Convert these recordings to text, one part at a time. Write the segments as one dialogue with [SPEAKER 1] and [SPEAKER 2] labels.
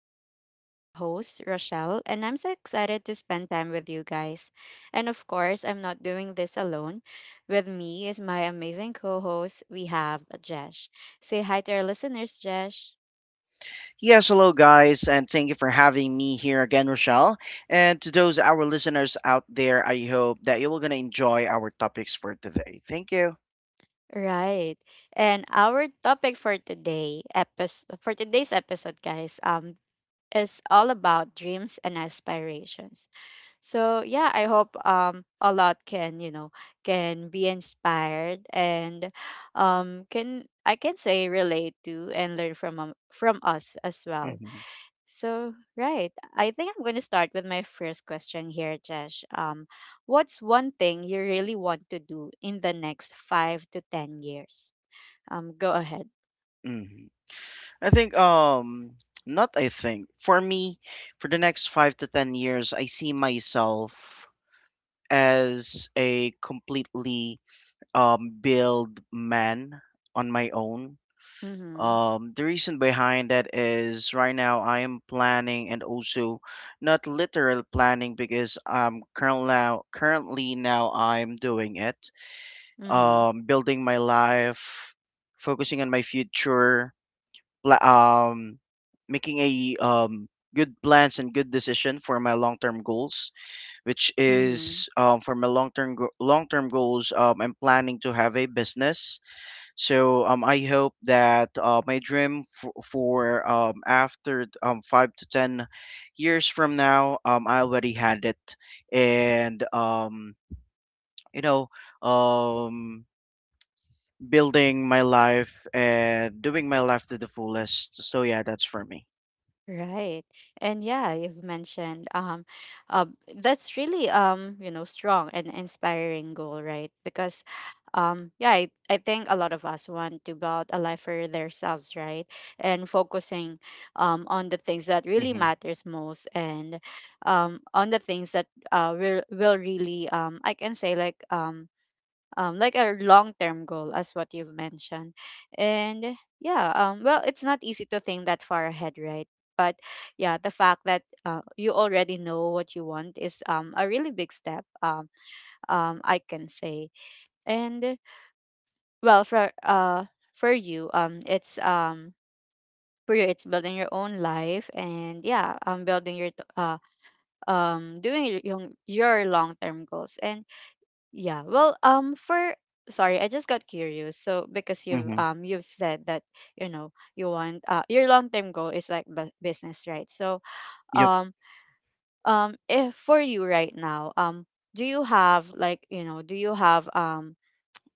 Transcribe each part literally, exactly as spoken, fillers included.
[SPEAKER 1] talks. I'm your host, Rochelle, and I'm so excited to spend time with you guys. And of course, I'm not doing this alone. With me is my amazing co host, we have Jesh. Say hi to our listeners, Jesh.
[SPEAKER 2] Yes, hello guys, and thank you for having me here again, Rochelle. And to those our listeners out there, I hope that you will gonna enjoy our topics for today. Thank you.
[SPEAKER 1] Right. And our topic for today episode for today's episode, guys, um, is all about dreams and aspirations. So yeah, I hope um a lot can, you know, can be inspired and um can I can say relate to and learn from um, from us as well.
[SPEAKER 2] hmm
[SPEAKER 1] So right, I think I'm going to start with my first question here, Jesh. Um what's one thing you really want to do in the next five to ten years? Um go ahead.
[SPEAKER 2] hmm I think um not I think for me for the next five to ten years, I see myself as a completely um build man on my own.
[SPEAKER 1] Mhm.
[SPEAKER 2] Um, the reason behind that is right now I am planning, and also not literal planning, because um currently now currently now I'm doing it.
[SPEAKER 1] Mhm.
[SPEAKER 2] Um, building my life, focusing on my future, pla- um, making a um good plans and good decision for my long-term goals, which
[SPEAKER 1] Mhm.
[SPEAKER 2] is um for my long-term go- long-term goals. Um, I'm planning to have a business, so um, I hope that, uh, my dream for, for um, after um, five to ten years from now, um, I already had it, and um, you know, um, building my life and doing my life to the fullest. So yeah, that's for me.
[SPEAKER 1] Right. And yeah, you've mentioned um uh, that's really um, you know, strong and inspiring goal, right? Because um yeah, I, I think a lot of us want to build a life for themselves, right? And focusing um on the things that really
[SPEAKER 2] Mhm,
[SPEAKER 1] matters most and um on the things that uh will will really um I can say like um um, like a long term goal, as what you've mentioned. And yeah, um, well, it's not easy to think that far ahead, right? But yeah, the fact that uh, you already know what you want is um, a really big step, um, um, I can say. And well, for uh, for you, um, it's um, for you, it's building your own life, and yeah, um, building your t- uh, um, doing your your long term goals, and yeah. Well, um for sorry, I just got curious. So because you've
[SPEAKER 2] mhm.
[SPEAKER 1] um you've said that, you know, you want uh your long-term goal is like bu- business, right? So,
[SPEAKER 2] Yep.
[SPEAKER 1] um um if for you right now, um do you have like, you know, do you have um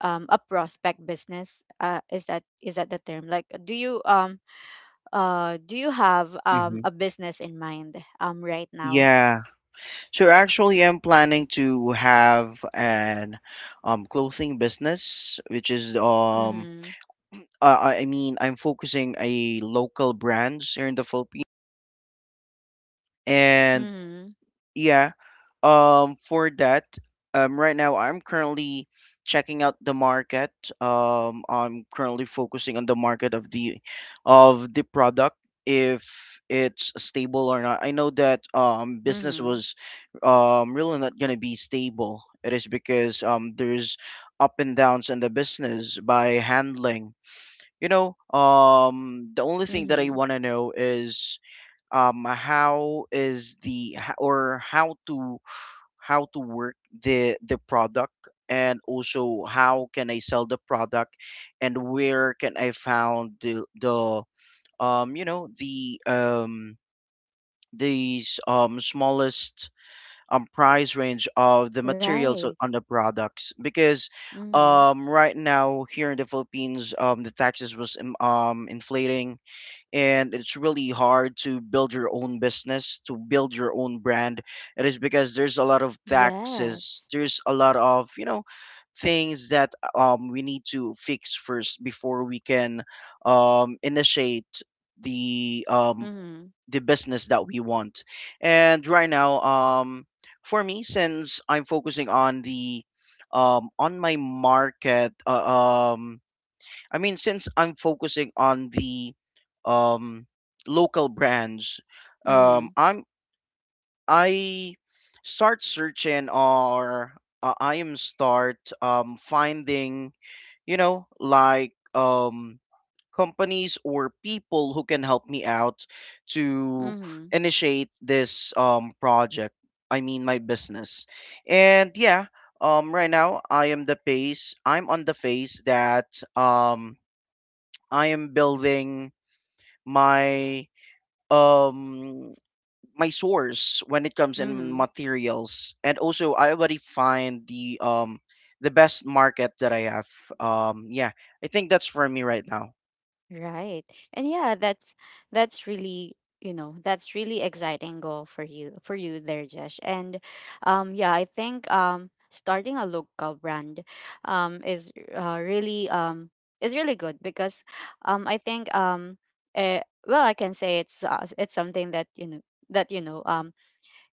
[SPEAKER 1] um a prospect business? Uh is that is that the term? Like do you um uh do you have um
[SPEAKER 2] Mhm.
[SPEAKER 1] a business in mind um right now?
[SPEAKER 2] Yeah. So actually, I'm planning to have an um clothing business, which is um
[SPEAKER 1] Mhm.
[SPEAKER 2] uh, I I mean I'm focusing a local brands here in the Philippines, and
[SPEAKER 1] Mhm.
[SPEAKER 2] yeah. Um, for that, um, right now I'm currently checking out the market. Um, I'm currently focusing on the market of the of the product, if it's stable or not. I know that um business
[SPEAKER 1] Mhm.
[SPEAKER 2] was um really not gonna be stable. It is because um there's up and downs in the business by handling. You know, um the only thing that I
[SPEAKER 1] Mhm.
[SPEAKER 2] wanna know is, um how is the ho- or how to how to work the the product, and also how can I sell the product, and where can I found the the um you know the um these um smallest um price range of the materials
[SPEAKER 1] Right.
[SPEAKER 2] o- on the products, because
[SPEAKER 1] Mhm.
[SPEAKER 2] um right now here in the Philippines, um the taxes was um um, inflating, and it's really hard to build your own business, to build your own brand. It is because there's a lot of
[SPEAKER 1] Yes.
[SPEAKER 2] taxes, there's a lot of, you know things that um we need to fix first before we can um initiate the um
[SPEAKER 1] Mhm.
[SPEAKER 2] the business that we want. And right now, um for me, since I'm focusing on the um on my market, uh, um I mean, since I'm focusing on the um, local brands, um,
[SPEAKER 1] Mhm.
[SPEAKER 2] I'm, I start searching, or uh, I am start um, finding, you know like um, companies or people who can help me out to
[SPEAKER 1] Mhm.
[SPEAKER 2] initiate this um, project. I mean, my business. And yeah, um, right now I am the phase. I'm on the phase that, um, I am building my um my source when it comes in
[SPEAKER 1] Mhm.
[SPEAKER 2] materials, and also I already find the um the best market that I have. Um yeah, I think that's for me right now.
[SPEAKER 1] Right. And yeah, that's that's really, you know, that's really exciting goal for you for you there, Jesh. And um yeah, I think um starting a local brand um is uh, really um is really good because um I think um eh, well, I can say it's uh, it's something that you know that you know um.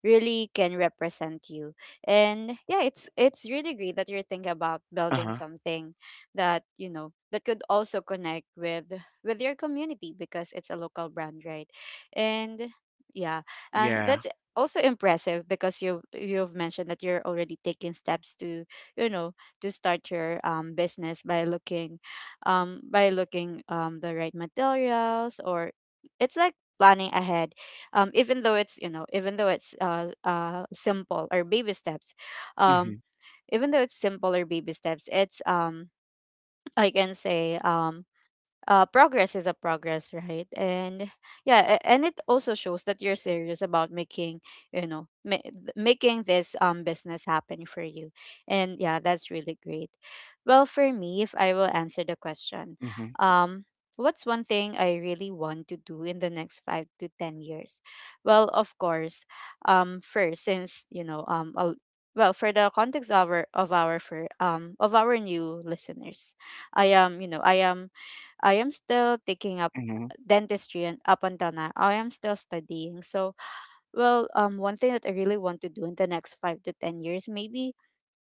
[SPEAKER 1] really can represent you. And yeah, it's it's really great that you're thinking about building
[SPEAKER 2] Uh-huh.
[SPEAKER 1] something that, you know, that could also connect with with your community because it's a local brand, right? And yeah, and
[SPEAKER 2] Yeah.
[SPEAKER 1] that's also impressive because you you've mentioned that you're already taking steps to, you know, to start your um business by looking um by looking um the right materials or it's like planning ahead um, even though it's you know even though it's uh, uh, simple or baby steps um,
[SPEAKER 2] Mhm.
[SPEAKER 1] even though it's simple or baby steps it's um, I can say um, uh, progress is a progress, right? And yeah, a- and it also shows that you're serious about making, you know, ma- th- making this um business happen for you. And yeah, that's really great. Well, for me, if I will answer the question,
[SPEAKER 2] Mhm.
[SPEAKER 1] um, what's one thing I really want to do in the next five to ten years? Well, of course, um, first since you know, um, I'll, well, for the context of our of our for um of our new listeners, I am, you know, I am I am still taking up
[SPEAKER 2] Mhm.
[SPEAKER 1] dentistry and up until now I am still studying. So well um one thing that I really want to do in the next five to ten years maybe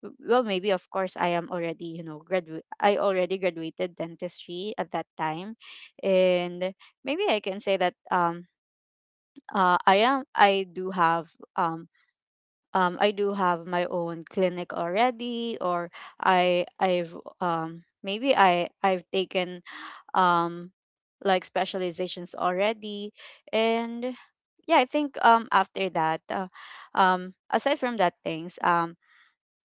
[SPEAKER 1] w- well maybe of course I am already you know graduate I already graduated dentistry at that time and maybe I can say that um uh I am I do have um um I do have my own clinic already or I I've um maybe I I've taken um like specializations already. And yeah, I think um after that uh, um aside from that things um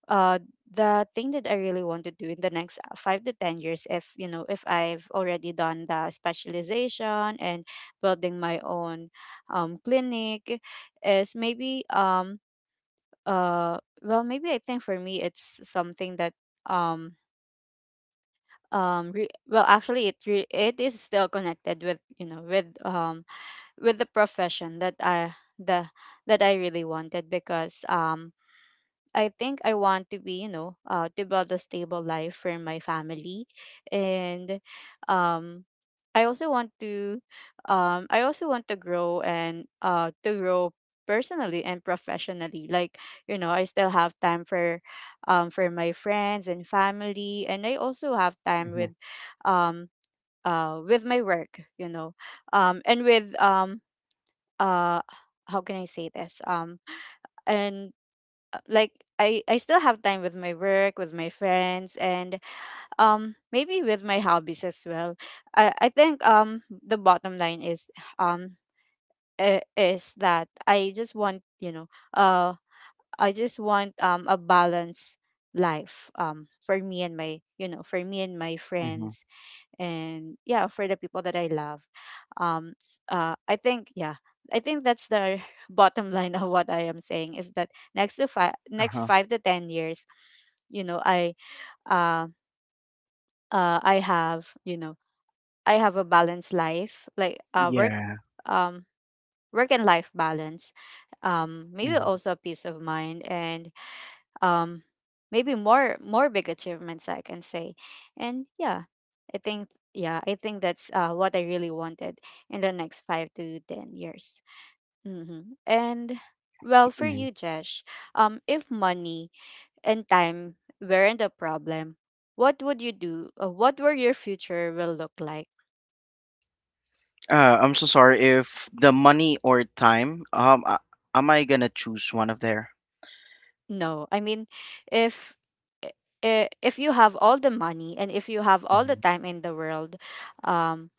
[SPEAKER 1] uh the thing that I really want to do in the next uh, five to ten years if you know if I've already done the specialization and building my own um clinic is maybe um uh well maybe I think for me it's something that um um re- well actually it re- it is still connected with you know with um with the profession that I the that I really wanted because um I think I want to be, you know, uh, to build a stable life for my family, and um, I also want to, um, I also want to grow and uh to grow personally and professionally. Like you know, I still have time for, um, for my friends and family, and I also have time
[SPEAKER 2] Mhm.
[SPEAKER 1] with, um, uh, with my work. You know, um, and with um, uh, how can I say this? Um, and like I, I still have time with my work, with my friends, and um maybe with my hobbies as well. I, I think um the bottom line is um i- is that I just want you know uh I just want um a balanced life um for me and my you know for me and my
[SPEAKER 2] Mhm.
[SPEAKER 1] friends and yeah for the people that I love um s- uh I think yeah I think that's the bottom line of what I am saying is that next to five next
[SPEAKER 2] Uh-huh.
[SPEAKER 1] five to ten years you know i uh, uh I have you know I have a balanced life like uh work
[SPEAKER 2] Yeah.
[SPEAKER 1] um work and life balance um maybe
[SPEAKER 2] Mhm.
[SPEAKER 1] also a peace of mind and um maybe more more big achievements I can say. And yeah, i think yeah I think that's uh, what I really wanted in the next five to ten years. Mm-hmm. And well for
[SPEAKER 2] Mhm.
[SPEAKER 1] you Jesh, um if money and time weren't a problem, what would you do or what were your future will look like?
[SPEAKER 2] Uh, I'm so sorry, if the money or time, um uh, am I going to choose one of there?
[SPEAKER 1] No I mean, if i- i- if you have all the money and if you have all the
[SPEAKER 2] Mhm.
[SPEAKER 1] time in the world, um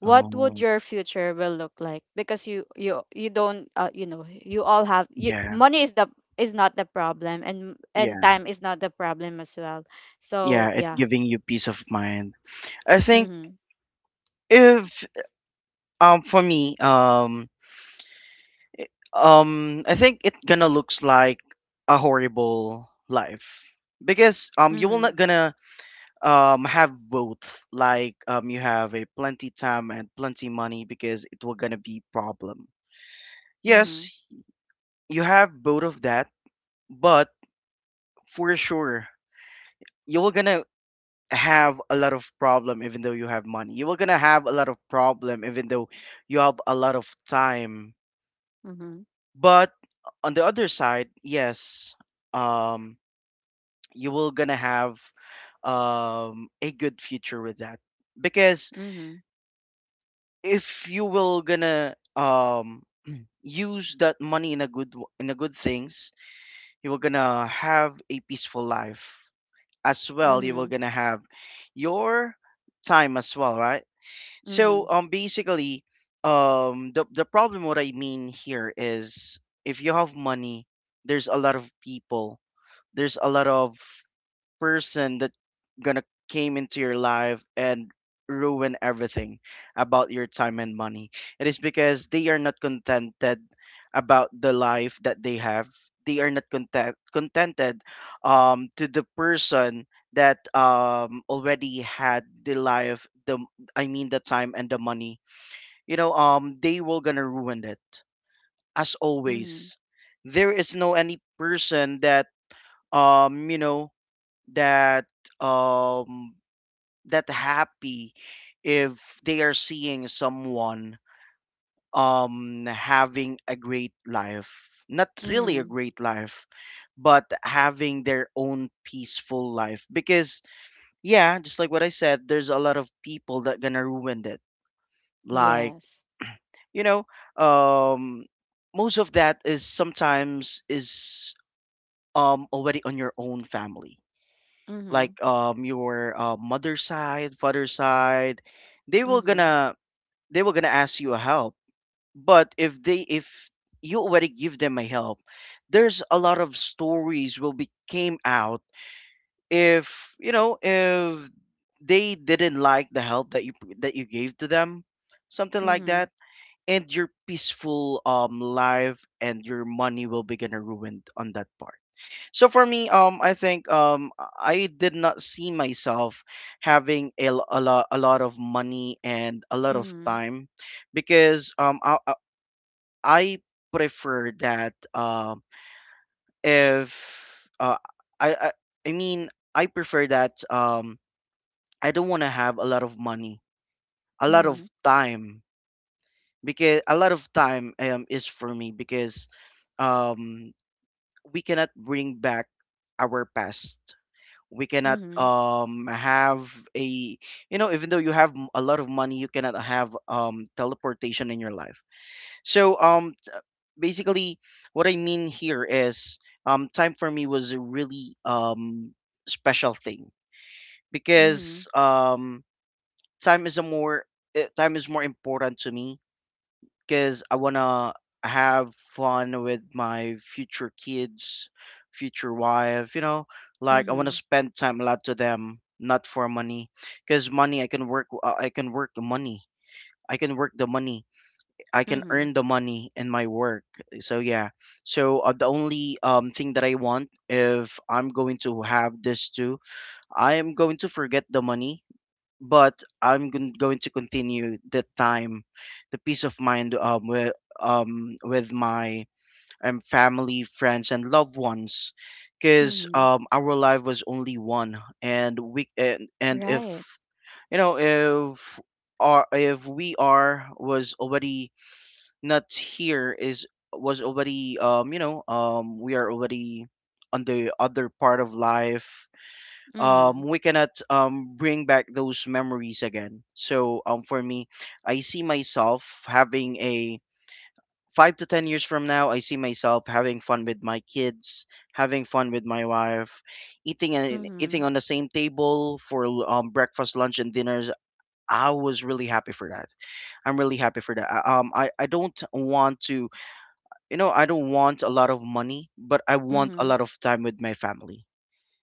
[SPEAKER 1] what would
[SPEAKER 2] Oh,
[SPEAKER 1] your future will look like? Because you you you don't uh, you know you all have you,
[SPEAKER 2] yeah.
[SPEAKER 1] money is the is not the problem and and
[SPEAKER 2] Yeah.
[SPEAKER 1] time is not the problem as well,
[SPEAKER 2] Yeah,
[SPEAKER 1] so
[SPEAKER 2] it
[SPEAKER 1] yeah.
[SPEAKER 2] giving you peace of mind, I think.
[SPEAKER 1] Mhm.
[SPEAKER 2] If um for me, um um I think it gonna looks like a horrible life, because um you will
[SPEAKER 1] Mhm.
[SPEAKER 2] not gonna um have both, like um you have a plenty time and plenty money, because it will gonna be problem.
[SPEAKER 1] Mhm.
[SPEAKER 2] Yes, you have both of that, but for sure you will gonna have a lot of problem even though you have money. You are gonna have a lot of problem even though you have a lot of time.
[SPEAKER 1] Mhm.
[SPEAKER 2] But uh, on the other side, yes, um, you will gonna have um a good future with that, because
[SPEAKER 1] Mhm.
[SPEAKER 2] if you will gonna um use that money in a good w- in a good things, you will gonna have a peaceful life, as well you will
[SPEAKER 1] Mhm.
[SPEAKER 2] gonna have your time as well, right?
[SPEAKER 1] Mhm.
[SPEAKER 2] So, um basically, um the the problem, what I mean here is, if you have money, there's a lot of people, there's a lot of person that gonna came into your life and ruin everything about your time and money. It is because they are not contented about the life that they have. They are not content contented um to the person that um already had the life, the, I mean, the time and the money. You know, um they will gonna ruin it as
[SPEAKER 1] Mhm.
[SPEAKER 2] always. There is no any person that um you know that um that happy, if they are seeing someone um having a great life, not really a
[SPEAKER 1] Mhm.
[SPEAKER 2] great life, but having their own peaceful life. Because yeah, just like what I said, there's a lot of people that gonna ruin it, like,
[SPEAKER 1] Yes.
[SPEAKER 2] you know, um most of that is sometimes is um already on your own family, like
[SPEAKER 1] Mhm.
[SPEAKER 2] um your uh, mother's side, father's side, they will
[SPEAKER 1] Mhm.
[SPEAKER 2] gonna they will gonna ask you a help. But if they, if you already give them a help, there's a lot of stories will be came out, if you know, if they didn't like the help that you, that you gave to them, something like that,
[SPEAKER 1] Mhm.
[SPEAKER 2] and your peaceful um life and your money will be gonna ruined on that part. So, for me, um, I think, um, I did not see myself having a, l- a lot a lot of money and a lot of
[SPEAKER 1] Mhm.
[SPEAKER 2] time, because um, I I I prefer that, uh, if uh, I, I I mean, I prefer that, um, I don't want to have a lot of money, a lot of
[SPEAKER 1] Mhm.
[SPEAKER 2] time, because a lot of time um, is for me, because um, we cannot bring back our past, we cannot
[SPEAKER 1] Mhm.
[SPEAKER 2] um have a, you know, even though you have m- a lot of money, you cannot have um teleportation in your life. So, um t- basically, what I mean here is, um time for me was a really um special thing,
[SPEAKER 1] Mhm.
[SPEAKER 2] because um time is a more, eh, time is more important to me, because I want to have fun with my future kids, future wife, you know, like I want to
[SPEAKER 1] Mhm.
[SPEAKER 2] spend time a lot to them, not for money, because money I can work, uh, I can work the money. I can work the money. I can
[SPEAKER 1] Mhm.
[SPEAKER 2] earn the money in my work. So yeah. So, uh, the only um thing that I want, if I'm going to have this too, I am going to forget the money, but I'm gon- going to continue the time, the peace of mind, um, with, um, with my um, family, friends, and loved ones, because
[SPEAKER 1] Mhm.
[SPEAKER 2] um, our life was only one, and we, and, and
[SPEAKER 1] Right.
[SPEAKER 2] if you know, if our, if we are was already not here, is was already um you know, um we are already on the other part of life,
[SPEAKER 1] Mhm.
[SPEAKER 2] um, we cannot um, bring back those memories again. So, um, for me, I see myself having a five to ten years from now. I see myself having fun with my kids, having fun with my wife, eating and
[SPEAKER 1] Mhm.
[SPEAKER 2] eating on the same table for l- um, breakfast, lunch, and dinners. I was really happy for that. I'm really happy for that. I- Um, I, I don't want to, you know, I don't want a lot of money, but I want a
[SPEAKER 1] Mhm.
[SPEAKER 2] lot of time with my family.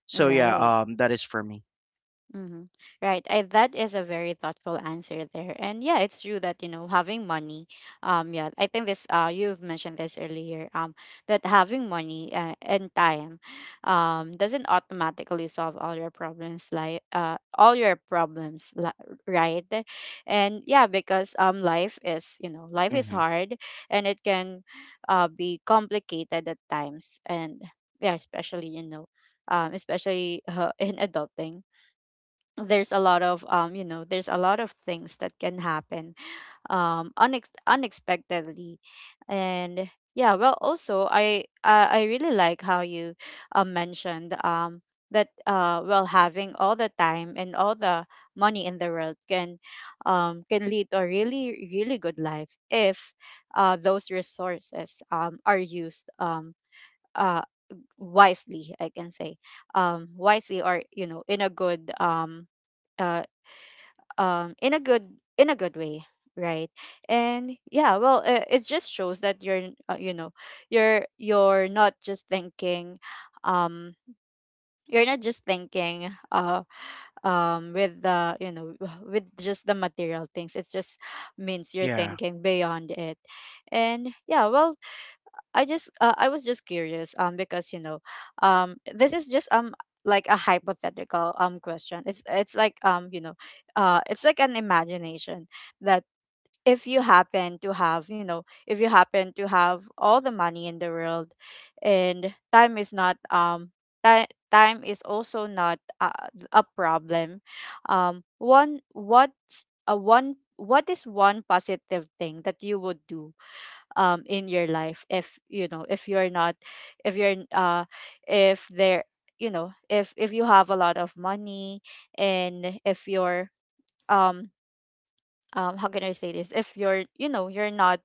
[SPEAKER 2] So yeah,
[SPEAKER 1] Right.
[SPEAKER 2] um, that is for me.
[SPEAKER 1] Mm-hmm. Right. I, that is a very thoughtful answer there. And yeah, it's true that, you know, having money, um, yeah, I think this, uh, you've mentioned this earlier, um, that having money uh, and time, um, doesn't automatically solve all your problems, like, uh, all your problems, li- right? And yeah, because, um, life is, you know, life is
[SPEAKER 2] Hmm.
[SPEAKER 1] hard and it can, uh, be complicated at times. And yeah, especially, you know, um, especially uh, in adulting there's a lot of um you know there's a lot of things that can happen um unex- unexpectedly. And yeah, well also i uh, I really like how you uh, mentioned um that uh well having all the time and all the money in the world can um can lead to a really really good life if uh those resources um are used um uh wisely I can say um wisely or you know in a good um uh um in a good in a good way, right? And yeah well uh, it just shows that you're uh, you know you're you're not just thinking um you're not just thinking uh um with the you know with just the material things. It just means you're
[SPEAKER 2] Yeah.
[SPEAKER 1] thinking beyond it. And yeah well I just uh, I was just curious um because you know um this is just um like a hypothetical um question. It's it's like um you know uh it's like an imagination that if you happen to have, you know, if you happen to have all the money in the world and time is not um time time is also not a a problem, um one what's a one what is one positive thing that you would do um in your life if, you know, if you're not, if you're uh if there, you know, if if you have a lot of money, and if you're um um how can I say this? If you're, you know, you're not,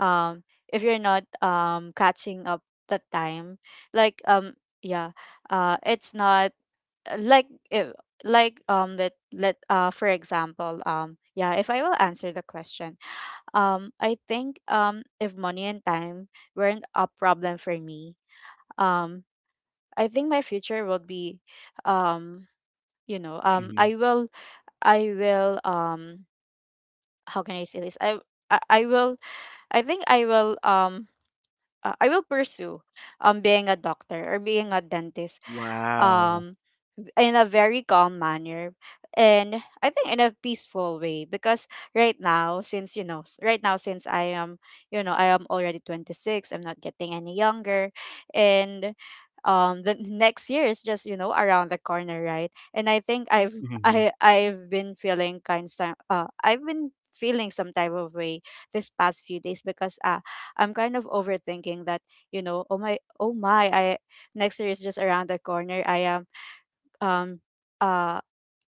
[SPEAKER 1] um if you're not, um catching up the time, like, um yeah, uh it's not, uh, like if, like um let let uh for example, um yeah, if I will answer the question, um, I think, um, if money and time weren't a problem for me, um, I think my future would be, um, you know, um,
[SPEAKER 2] Mhm.
[SPEAKER 1] I will, I will, um, how can I say this? I, I, I will, I think I will, um, uh, I will pursue, um, being a doctor or being a dentist.
[SPEAKER 2] Wow.
[SPEAKER 1] Um, in a very calm manner, and I think in a peaceful way, because right now since, you know, s- right now since I am, you know, I am already twenty-six. I'm not getting any younger, and um the next year is just, you know, around the corner, right? And I think I've
[SPEAKER 2] Mhm,
[SPEAKER 1] I I've been feeling kind of uh I've been feeling some type of way this past few days because uh I'm kind of overthinking that, you know, oh my oh my I Next year is just around the corner. I am um uh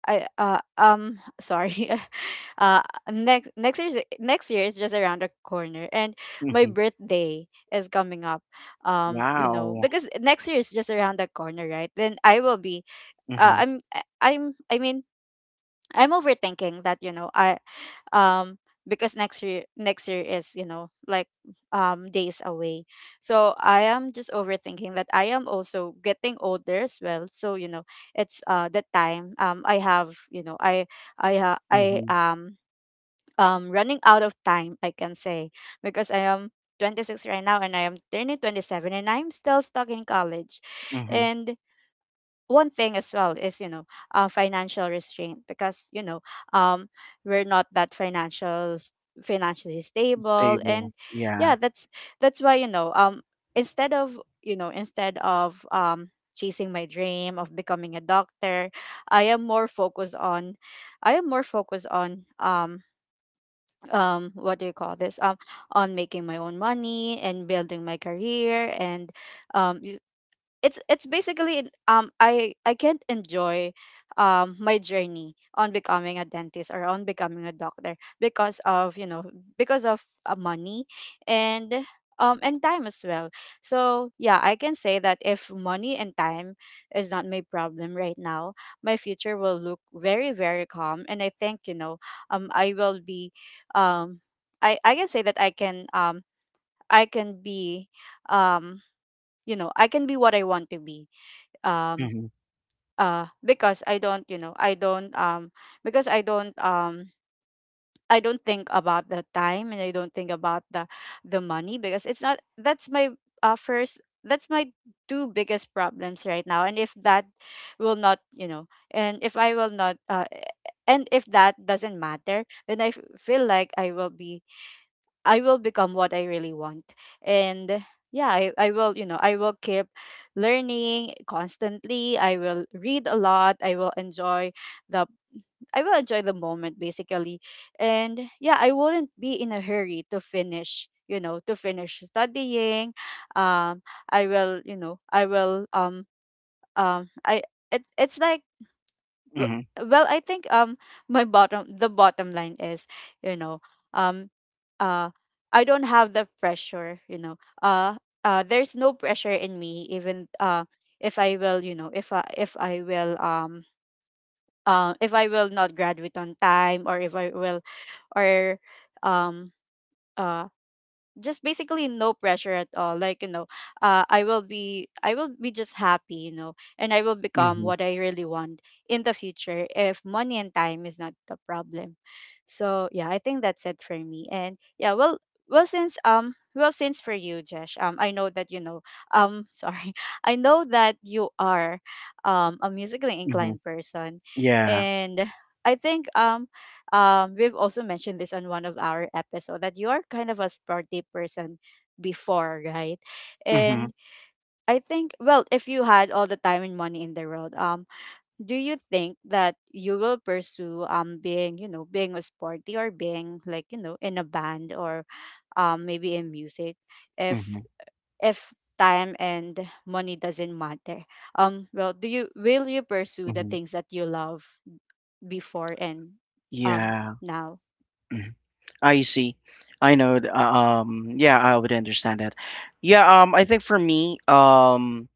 [SPEAKER 1] I uh um sorry. uh next next year's next year is just around the corner, and my
[SPEAKER 2] mhm.
[SPEAKER 1] birthday is coming up. Um you know,
[SPEAKER 2] Wow.
[SPEAKER 1] because next year is just around the corner, right? Then I will be, uh,
[SPEAKER 2] Mhm,
[SPEAKER 1] I'm, I- I'm I mean, I'm overthinking that, you know. I um because next year, next year is, you know, like um days away. So I am just overthinking that I am also getting older as well. So, you know, it's uh the time um I have, you know, I I ha I
[SPEAKER 2] mhm,
[SPEAKER 1] am um running out of time, I can say. Because I am twenty-six right now and I am turning twenty-seven, and I'm still stuck in college.
[SPEAKER 2] mhm.
[SPEAKER 1] And one thing as well is, you know, uh, financial restraint, because, you know, um we're not that financial s- financially stable. And
[SPEAKER 2] Stable.
[SPEAKER 1] yeah,
[SPEAKER 2] Yeah.
[SPEAKER 1] that's that's why, you know, um instead of, you know, instead of um chasing my dream of becoming a doctor, I am more focused on, i am more focused on um um what do you call this, um on making my own money and building my career. And um it's it's basically um I I can't enjoy um my journey on becoming a dentist or on becoming a doctor because of, you know, because of uh, money, and um and time as well. So yeah, I can say that if money and time is not my problem right now, my future will look very, very calm. And I think, you know, um I will be, um I I can say that I can, um I can be, um you know, I can be what I want to be. um
[SPEAKER 2] Mhm,
[SPEAKER 1] uh because I don't, you know, I don't um because i don't um I don't think about the time, and I don't think about the the money. Because it's not that's my, uh first that's my two biggest problems right now. And if that will not, you know, and if I will not, uh and if that doesn't matter, then i f- feel like I will be, I will become what I really want. And yeah, I, I will, you know, I will keep learning constantly. I will read a lot. I will enjoy the I will enjoy the moment, basically. And yeah, I wouldn't be in a hurry to finish, you know, to finish studying. Um I will, you know, I will um um I it, it's like w-
[SPEAKER 2] mhm,
[SPEAKER 1] well I think um my bottom, the bottom line is, you know, um uh I don't have the pressure, you know. uh uh there's no pressure in me, even uh if I will, you know, if i if I will, um uh if I will not graduate on time, or if I will, or um uh just basically no pressure at all, like, you know. uh, I will be, I will be just happy, you know, and I will become
[SPEAKER 2] mhm,
[SPEAKER 1] what I really want in the future if money and time is not the problem. So yeah, I think that's it for me. And yeah, well, well since um well, since for you, Jesh, um I know that, you know, um sorry, I know that you are um a musically
[SPEAKER 2] mhm.
[SPEAKER 1] inclined person.
[SPEAKER 2] Yeah.
[SPEAKER 1] And I think um um, we've also mentioned this on one of our episodes, that you are kind of a sporty person before, right?
[SPEAKER 2] Mhm,
[SPEAKER 1] And I think, well, if you had all the time and money in the world, um, do you think that you will pursue um being, you know, being a sporty or being, like, you know, in a band, or um maybe in music, if
[SPEAKER 2] mhm,
[SPEAKER 1] if time and money doesn't matter? Um, well, do you will you pursue the
[SPEAKER 2] mhm.
[SPEAKER 1] things that you love before and um
[SPEAKER 2] Yeah.
[SPEAKER 1] now?
[SPEAKER 2] Mhm. I see. I know. th- uh, Um. Yeah, I would understand that. Yeah. Um. I think for me. Um.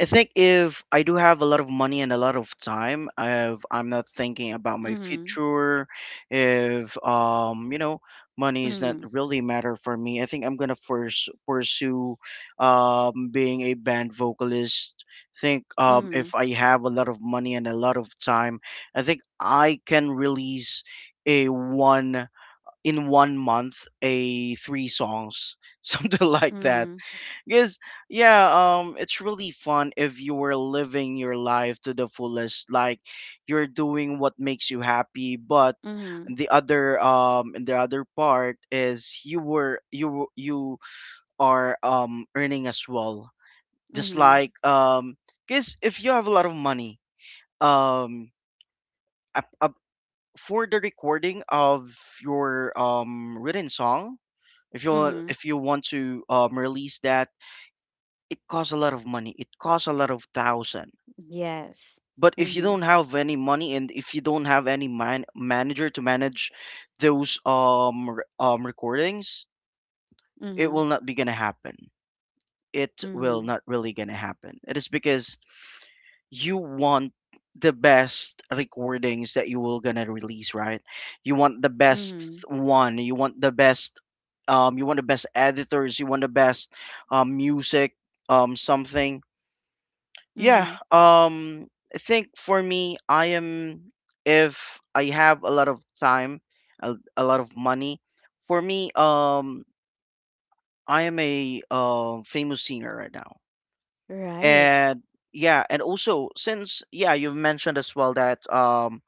[SPEAKER 2] I think if I do have a lot of money and a lot of time, if I'm not thinking about my
[SPEAKER 1] Mm-hmm.
[SPEAKER 2] future, if um, you know, money is not
[SPEAKER 1] Mhm,
[SPEAKER 2] really matter for me, I think I'm gonna first pursue um being a band vocalist. Think um
[SPEAKER 1] mhm,
[SPEAKER 2] if I have a lot of money and a lot of time, I think I can release a one in one month a three songs, something like that.
[SPEAKER 1] mhm,
[SPEAKER 2] Because yeah, um, it's really fun if you were living your life to the fullest, like you're doing what makes you happy. But
[SPEAKER 1] mhm,
[SPEAKER 2] the other um, the other part is you were you you are um earning as well, just
[SPEAKER 1] mhm,
[SPEAKER 2] like um, because if you have a lot of money, um, up, up for the recording of your um written song, if you,
[SPEAKER 1] mhm.
[SPEAKER 2] if you want to um release that, it costs a lot of money. It costs a lot of thousand.
[SPEAKER 1] Yes.
[SPEAKER 2] But if you
[SPEAKER 1] Mhm,
[SPEAKER 2] don't have any money, and if you don't have any man- manager to manage those um re- um recordings, it
[SPEAKER 1] mhm,
[SPEAKER 2] will not be gonna happen. It will
[SPEAKER 1] mhm,
[SPEAKER 2] not really gonna happen. It is because you want the best recordings that you will gonna release, right? You want the best
[SPEAKER 1] mhm,
[SPEAKER 2] one. You want the best um you want the best editors. You want the best um music um something. Yeah,
[SPEAKER 1] mhm.
[SPEAKER 2] um, I think for me, I am if I have a lot of time, a, a lot of money. For me, um, I am a uh, famous singer right now,
[SPEAKER 1] Right.
[SPEAKER 2] and yeah, and also since yeah, you've mentioned as well that um,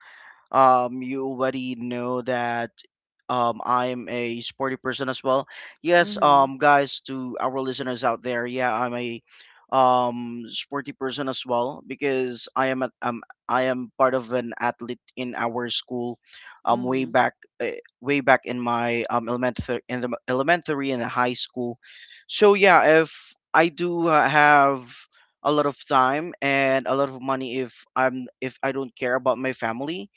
[SPEAKER 2] um you already know that um I'm a sporty person as well. Yes,
[SPEAKER 1] Mhm,
[SPEAKER 2] um guys, to our listeners out there, yeah, I'm a um sporty person as well because I am a, um I am part of an athlete in our school um way
[SPEAKER 1] mhm,
[SPEAKER 2] back uh, way back in my um elementary, in the elementary and the high school. So yeah, if I do uh, have a lot of time and a lot of money, if I'm if I don't care about my family,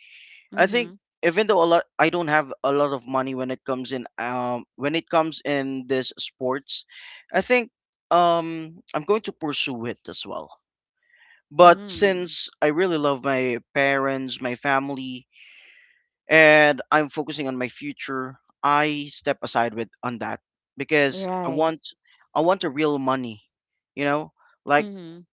[SPEAKER 2] I think
[SPEAKER 1] mhm,
[SPEAKER 2] even though a lot I don't have a lot of money when it comes in um when it comes in this sports, I think um I'm going to pursue it as well. But
[SPEAKER 1] mhm.
[SPEAKER 2] since I really love my parents, my family, and I'm focusing on my future, I step aside with on that because I
[SPEAKER 1] Right.
[SPEAKER 2] want I want a real money, you know? Like
[SPEAKER 1] Mhm,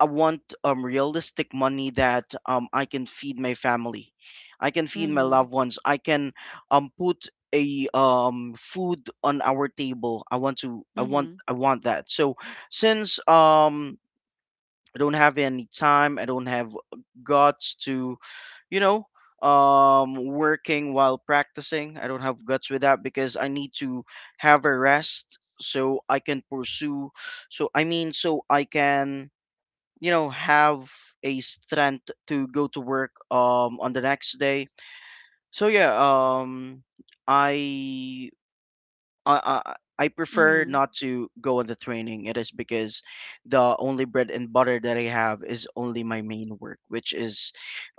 [SPEAKER 2] I want um realistic money that um I can feed my family, I can feed my
[SPEAKER 1] mhm,
[SPEAKER 2] loved ones, I can um put a um food on our table. I want to I want
[SPEAKER 1] mhm,
[SPEAKER 2] I want that. So since um I don't have any time, I don't have guts to, you know, um working while practicing. I don't have guts with that because I need to have a rest so I can pursue, so I mean so I can, you know, have a strength to go to work um on the next day. So yeah, um i i i I prefer
[SPEAKER 1] mhm.
[SPEAKER 2] not to go on the training. It is because the only bread and butter that I have is only my main work, which is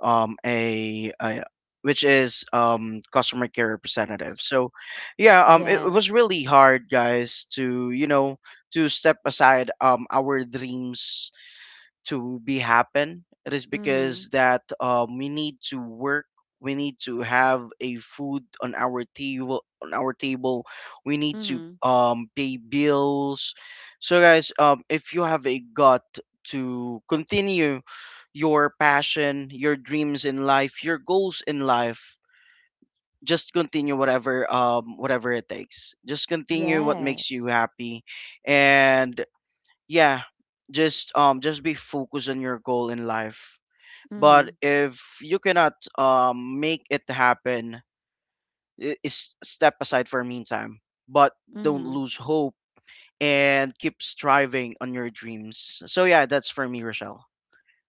[SPEAKER 2] um a, a which is um customer care representative. So yeah, um it, it was
[SPEAKER 1] Yes.
[SPEAKER 2] really hard, guys, to, you know, to step aside um our dreams to be happen. It is
[SPEAKER 1] Mhm,
[SPEAKER 2] because that um, we need to work, we need to have a food on our table, on our table we need to
[SPEAKER 1] mhm.
[SPEAKER 2] um, pay bills. So guys, um, if you have a gut to continue your passion, your dreams in life, your goals in life, just continue whatever, um whatever it takes, just continue what makes you
[SPEAKER 1] Yes.
[SPEAKER 2] happy. And yeah, just um just be focused on your goal in life. But
[SPEAKER 1] Mhm,
[SPEAKER 2] if you cannot um make it happen, i- is step aside for meantime, but don't
[SPEAKER 1] mhm.
[SPEAKER 2] lose hope and keep striving on your dreams. So yeah, that's for me, Rochelle.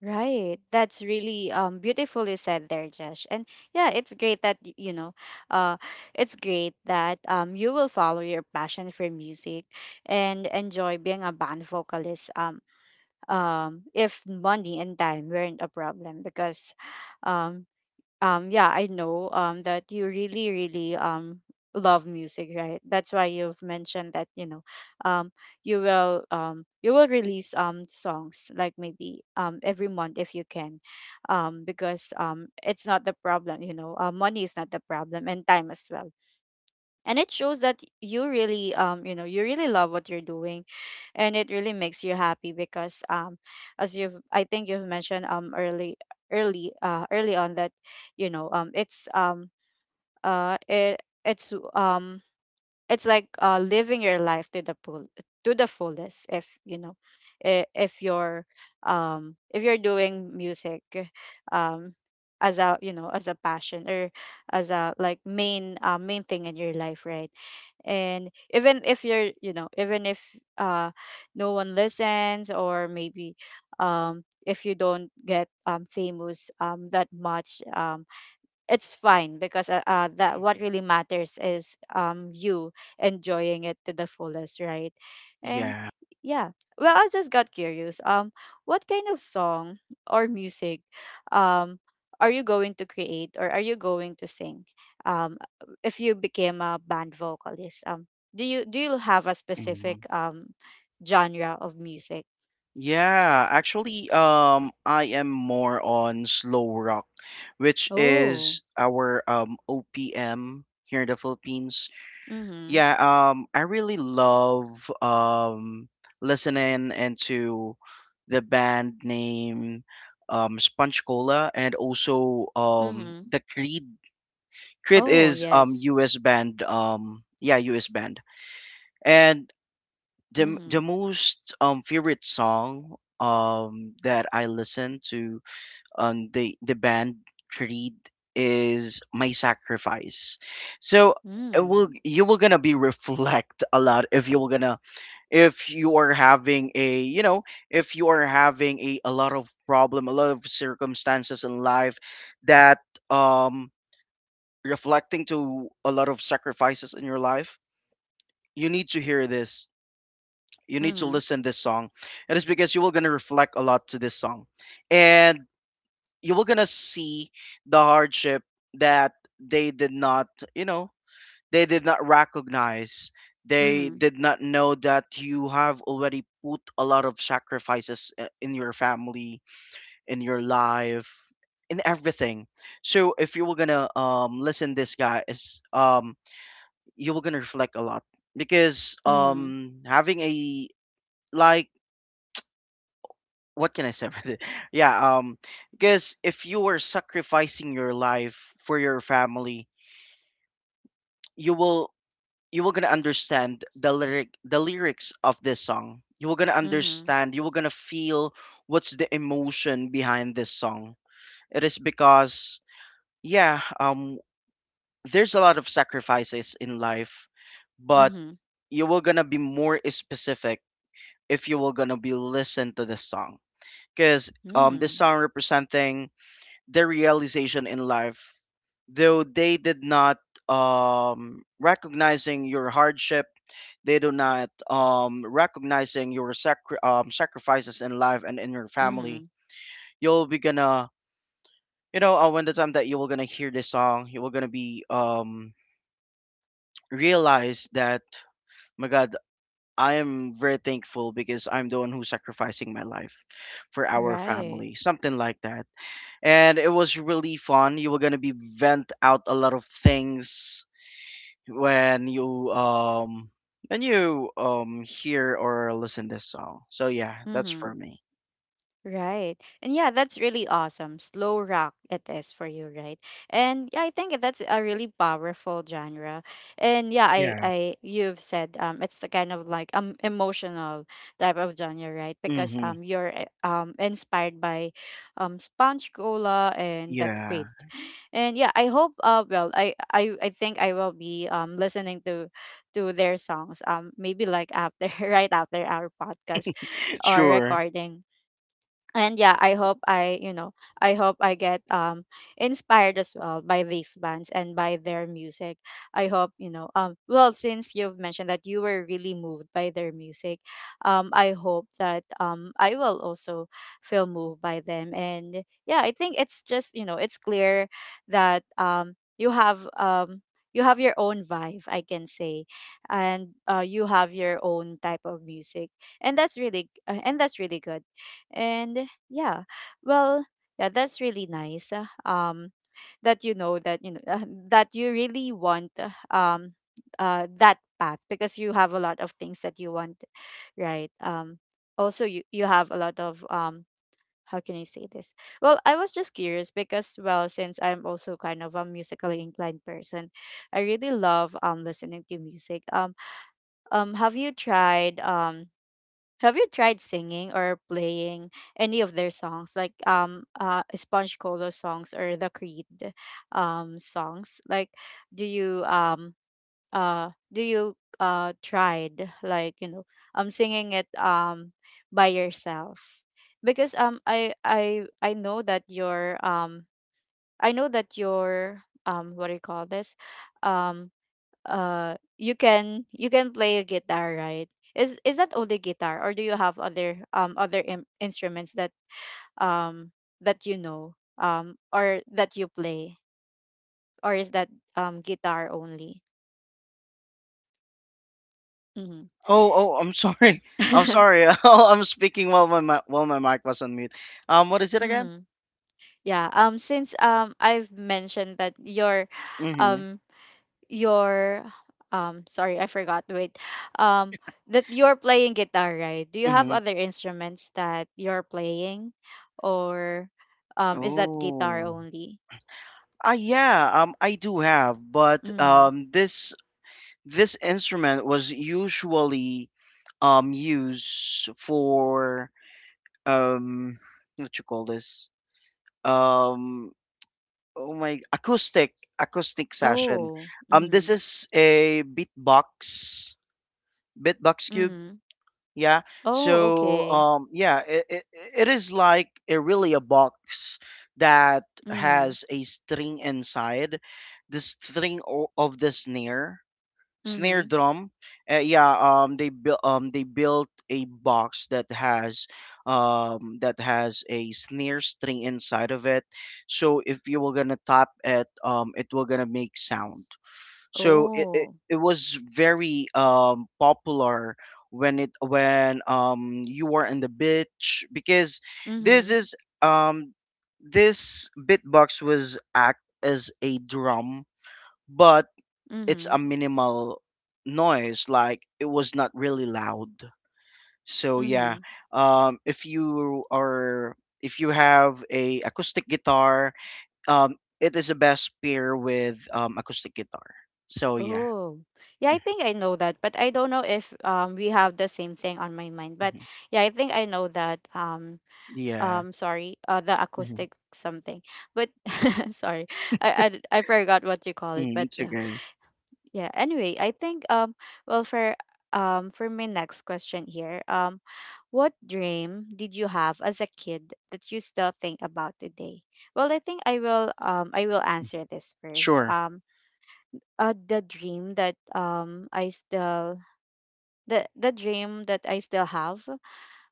[SPEAKER 1] Right. That's really um beautifully said there, Josh. And yeah, it's great that y- you know, uh it's great that um you will follow your passion for music and enjoy being a band vocalist, um um if money and time weren't a problem, because um um yeah, I know um that you really, really um love music, right? That's why you've mentioned that, you know, um you will um you will release um songs like maybe um every month if you can, um because um it's not the problem, you know. Uh, money is not the problem, and time as well. And it shows that you really, um you know, you really love what you're doing, and it really makes you happy. Because um as you've, I think you've mentioned um early early uh early on that, you know, um it's um uh it it's um it's like, uh, living your life to the full to the fullest, if, you know, i- if you're, um if you're doing music um as a, you know, as a passion, or as a like main, uh, main thing in your life, right? And even if you're, you know, even if uh no one listens, or maybe um if you don't get um famous um that much, um it's fine, because uh, uh that what
[SPEAKER 2] Hmm.
[SPEAKER 1] really matters is um you enjoying it to the fullest, right? And
[SPEAKER 2] Yeah.
[SPEAKER 1] yeah, well, I just got curious, um what kind of song or music um are you going to create, or are you going to sing um if you became a band vocalist? Um do you do you have a
[SPEAKER 2] Mhm.
[SPEAKER 1] specific um genre of music?
[SPEAKER 2] Yeah, actually, um I am more on slow rock, which
[SPEAKER 1] Oh,
[SPEAKER 2] is our um OPM here in the Philippines.
[SPEAKER 1] mm-hmm.
[SPEAKER 2] Yeah, um, I really love um listening into the band name um Sponge Cola and also um
[SPEAKER 1] Mm-hmm.
[SPEAKER 2] the Creed. Creed
[SPEAKER 1] Oh
[SPEAKER 2] is um
[SPEAKER 1] yes.
[SPEAKER 2] U S band, um yeah, U S band. And the
[SPEAKER 1] Mm-hmm,
[SPEAKER 2] the most um favorite song um that I listen to, um, the the band Creed, is My Sacrifice. So it will,
[SPEAKER 1] mm-hmm,
[SPEAKER 2] you will gonna be reflect a lot if you will gonna, if you are having a, you know, if you are having a, a lot of problem, a lot of circumstances in life that um reflecting to a lot of sacrifices in your life, you need to hear this, you need to
[SPEAKER 1] mm-hmm.
[SPEAKER 2] listen this song. It is because you will gonna reflect a lot to this song, and you were gonna see the hardship that they did not, you know, they did not recognize, they
[SPEAKER 1] Mhm.
[SPEAKER 2] did not know that you have already put a lot of sacrifices, uh, in your family, in your life, in everything. So if you were gonna um listen this guy is um you were gonna reflect a lot because
[SPEAKER 1] Mhm.
[SPEAKER 2] um having a like, what can I say about it? Yeah, um, because if you were sacrificing your life for your family, you will, you will gonna understand the lyric, the lyrics of this song. You will gonna
[SPEAKER 1] Mhm.
[SPEAKER 2] understand. You will gonna feel what's the emotion behind this song. It is because yeah, um, there's a lot of sacrifices in life, but
[SPEAKER 1] Mhm.
[SPEAKER 2] you will gonna be more specific if you will gonna be listen to this song. Because um, this
[SPEAKER 1] Mm.
[SPEAKER 2] song representing their realization in life, though they did not um recognizing your hardship, they do not um recognizing your sacri- um, sacrifices in life and in your family.
[SPEAKER 1] Mhm.
[SPEAKER 2] You'll be gonna, you know, uh, when the time that you were gonna hear this song, you were gonna be um realize that my God, I am very thankful because I'm the one who's sacrificing my life for our
[SPEAKER 1] Right.
[SPEAKER 2] family, something like that. And it was really fun. You were gonna be vent out a lot of things when you um when you um hear or listen this song. So yeah, that's
[SPEAKER 1] Mhm.
[SPEAKER 2] for me.
[SPEAKER 1] Right. And yeah, that's really awesome. Slow rock it is for you, right? And yeah, I think that's a really powerful genre. And yeah, I,
[SPEAKER 2] Yeah.
[SPEAKER 1] I, you've said um it's the kind of, like, um emotional type of genre, right? Because
[SPEAKER 2] Mm-hmm.
[SPEAKER 1] um you're uh, um inspired by um Sponge Cola and the
[SPEAKER 2] Yeah.
[SPEAKER 1] Creed. And yeah, I hope, uh well, I I, I think I will be um listening to to their songs um maybe like after right after our podcast or
[SPEAKER 2] Sure.
[SPEAKER 1] recording. And yeah, I hope I, you know, I hope I get um inspired as well by these bands and by their music. I hope, you know, um well, since you've mentioned that you were really moved by their music, um I hope that um I will also feel moved by them. And yeah, I think it's just, you know, it's clear that um you have um you have your own vibe, I can say. And uh, you have your own type of music, and that's really, uh, and that's really good. And yeah. Well, yeah, that's really nice. Uh, Um, that you know, that you know uh, that you really want uh, um uh that path, because you have a lot of things that you want, right? Um, also, you you have a lot of um how can I say this? Well, I was just curious because, well, since I'm also kind of a musically inclined person, I really love um listening to music. Um, um, have you tried um? Have you tried singing or playing any of their songs, like um uh Sponge Cola songs or the Creed um songs? Like, do you um uh do you uh tried, like, you know, um singing it um by yourself? Because um I I I know that your um I know that your um what do you call this? Um uh you can, you can play a guitar, right? is is that only guitar, or do you have other um other in- instruments that um that, you know, um or that you play? Or is that um guitar only? Mm-hmm.
[SPEAKER 2] Oh, oh, I'm sorry. I'm sorry. Oh, I'm speaking while my mi- while my mic was on mute. Um, what is it again?
[SPEAKER 1] Mm-hmm. Yeah, um since um I've mentioned that your
[SPEAKER 2] Mm-hmm.
[SPEAKER 1] um your um sorry, I forgot, wait, um that you're playing guitar, right? Do you have
[SPEAKER 2] Mm-hmm.
[SPEAKER 1] other instruments that you're playing, or um is that guitar
[SPEAKER 2] Oh.
[SPEAKER 1] only?
[SPEAKER 2] Ah, yeah. Um, I do have, but
[SPEAKER 1] Hmm.
[SPEAKER 2] um, this this instrument was usually um use for um what you call this, um oh, my acoustic, acoustic session.
[SPEAKER 1] Oh,
[SPEAKER 2] Um, this
[SPEAKER 1] mm-hmm.
[SPEAKER 2] is a beatbox, beatbox cube.
[SPEAKER 1] Mm-hmm.
[SPEAKER 2] Yeah.
[SPEAKER 1] Oh,
[SPEAKER 2] So
[SPEAKER 1] okay.
[SPEAKER 2] um yeah, it, it, it is like a really a box that
[SPEAKER 1] Mm-hmm.
[SPEAKER 2] has a string inside, the string o- of the snare, snare
[SPEAKER 1] Mm-hmm.
[SPEAKER 2] drum. Uh, yeah, um, they built um they built a box that has um that has a snare string inside of it. So if you were gonna tap it, um, it will gonna make sound. So it it,
[SPEAKER 1] Oh,
[SPEAKER 2] it was very um popular when it, when um you were in the beach because this
[SPEAKER 1] mm-hmm.
[SPEAKER 2] is um this beatbox was act as a drum, but it's
[SPEAKER 1] Mm-hmm.
[SPEAKER 2] a minimal noise, like it was not really loud. So yeah,
[SPEAKER 1] Mm-hmm.
[SPEAKER 2] um if you are, if you have a acoustic guitar, um it is the best pair with um acoustic guitar. So yeah.
[SPEAKER 1] Oh yeah, I think I know that, but I don't know if um we have the same thing on my mind. But
[SPEAKER 2] Mhm.
[SPEAKER 1] yeah, I think I know that. Um
[SPEAKER 2] Yeah.
[SPEAKER 1] um sorry uh The
[SPEAKER 2] Hmm.
[SPEAKER 1] acoustic something, but sorry, I I I forgot what you call it,
[SPEAKER 2] Mm,
[SPEAKER 1] but
[SPEAKER 2] it's
[SPEAKER 1] yeah.
[SPEAKER 2] okay.
[SPEAKER 1] Yeah, anyway, I think um well, for um for my next question here, um what dream did you have as a kid that you still think about today? Well, I think I will, um I will answer this first.
[SPEAKER 2] Sure.
[SPEAKER 1] Um uh the dream that um I still, the the dream that I still have,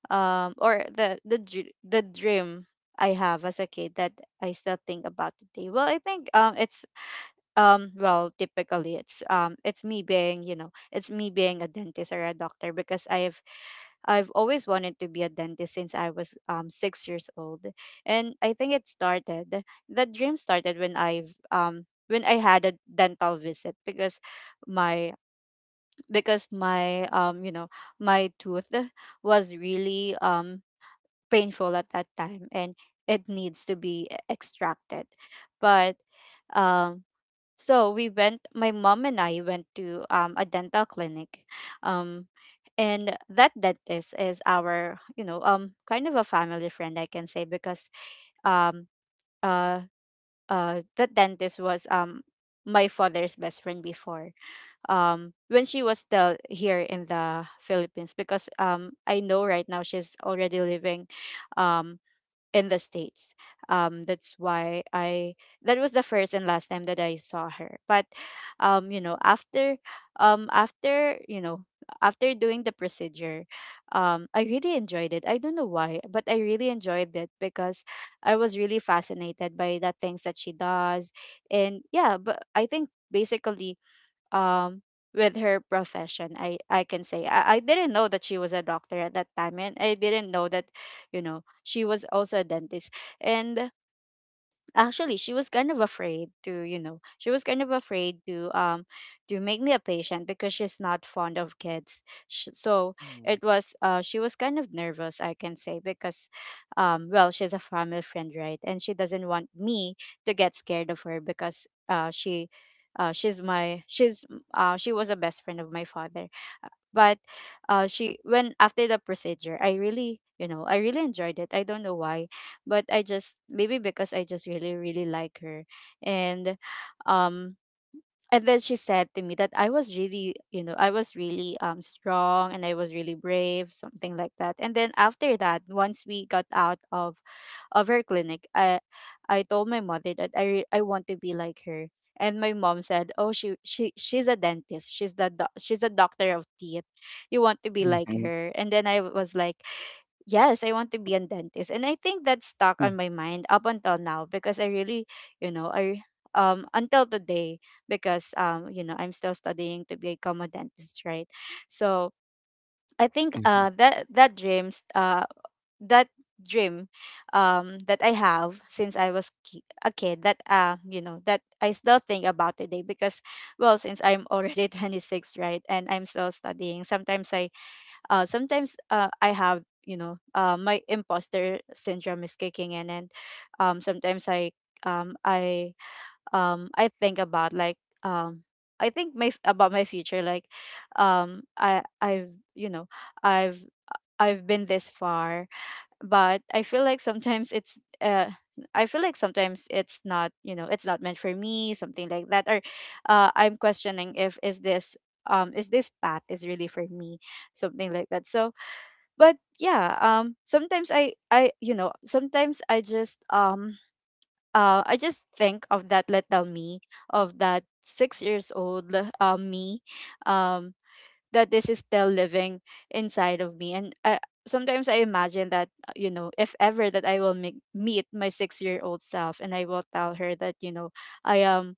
[SPEAKER 1] um or the the dr- the dream I have as a kid that I still think about today. Well, I think um it's, um well, typically it's, um it's me being, you know, it's me being a dentist or a doctor, because I've I've always wanted to be a dentist since I was um six years old, and I think it started, the dream started when I've um when I had a dental visit, because my, because my, um you know, my tooth was really um painful at that time and it needs to be e- extracted. But um so we went, my mom and I went to um, a dental clinic, um and that dentist is our, you know, um kind of a family friend, I can say, because um uh uh the dentist was, um my father's best friend before, um when she was still here in the Philippines, because um I know right now she's already living um in the States. Um that's why I, that was the first and last time that I saw her. But um You know, after, um after, you know, after doing the procedure, um I really enjoyed it. I don't know why, but I really enjoyed it because I was really fascinated by the things that she does. And yeah, but I think basically, um with her profession, i i can say, I, I didn't know that she was a doctor at that time, and I didn't know that, you know, she was also a dentist. And actually, she was kind of afraid to, you know, she was kind of afraid to, um to make me a patient because she's not fond of kids. Sh- so
[SPEAKER 2] Mm-hmm.
[SPEAKER 1] it was, uh she was kind of nervous, I can say, because, um well, she's a family friend, right, and she doesn't want me to get scared of her because, uh she uh she's my, she's, uh she was a best friend of my father. But uh She, when after the procedure, I really, you know, I really enjoyed it. I don't know why, but I just, maybe because I just really really like her. And um and then she said to me that I was really, you know, I was really um strong, and I was really brave, something like that. And then after that, once we got out of of her clinic, I I told my mother that I re- I want to be like her. And my mom said, "Oh, she she she's a dentist. She's the doc she's the doctor of teeth. You want to be like her." And then I was like, yes, I want to be a dentist. And I think that's stuck on
[SPEAKER 2] Mm-hmm.
[SPEAKER 1] my mind up until now because I really, you know, I, um until today, because, um you know, I'm still studying to become a dentist, right? So, I think uh that that dreams uh that dream um that I have since I was ki- a kid, that, uh you know, that I still think about today. Because, well, since I'm already twenty-six, right, and I'm still studying, sometimes I, uh, sometimes uh, I have, you know, uh, my imposter syndrome is kicking in, and um, sometimes I um, I um, I think about like, um, I think my f- about my future, like, um, I I've you know I've I've been this far, but I feel like sometimes it's, uh, I feel like sometimes it's not, you know, it's not meant for me, something like that, or uh, I'm questioning if is this, um is this path is really for me, something like that. So, but yeah, um sometimes i i, you know, sometimes I just, um uh I just think of that little me, of that six years old, uh, me, um that this is still living inside of me. And I, sometimes I imagine that, uh, you know, if ever that I will make, meet my six year old self, and I will tell her that, you know, I am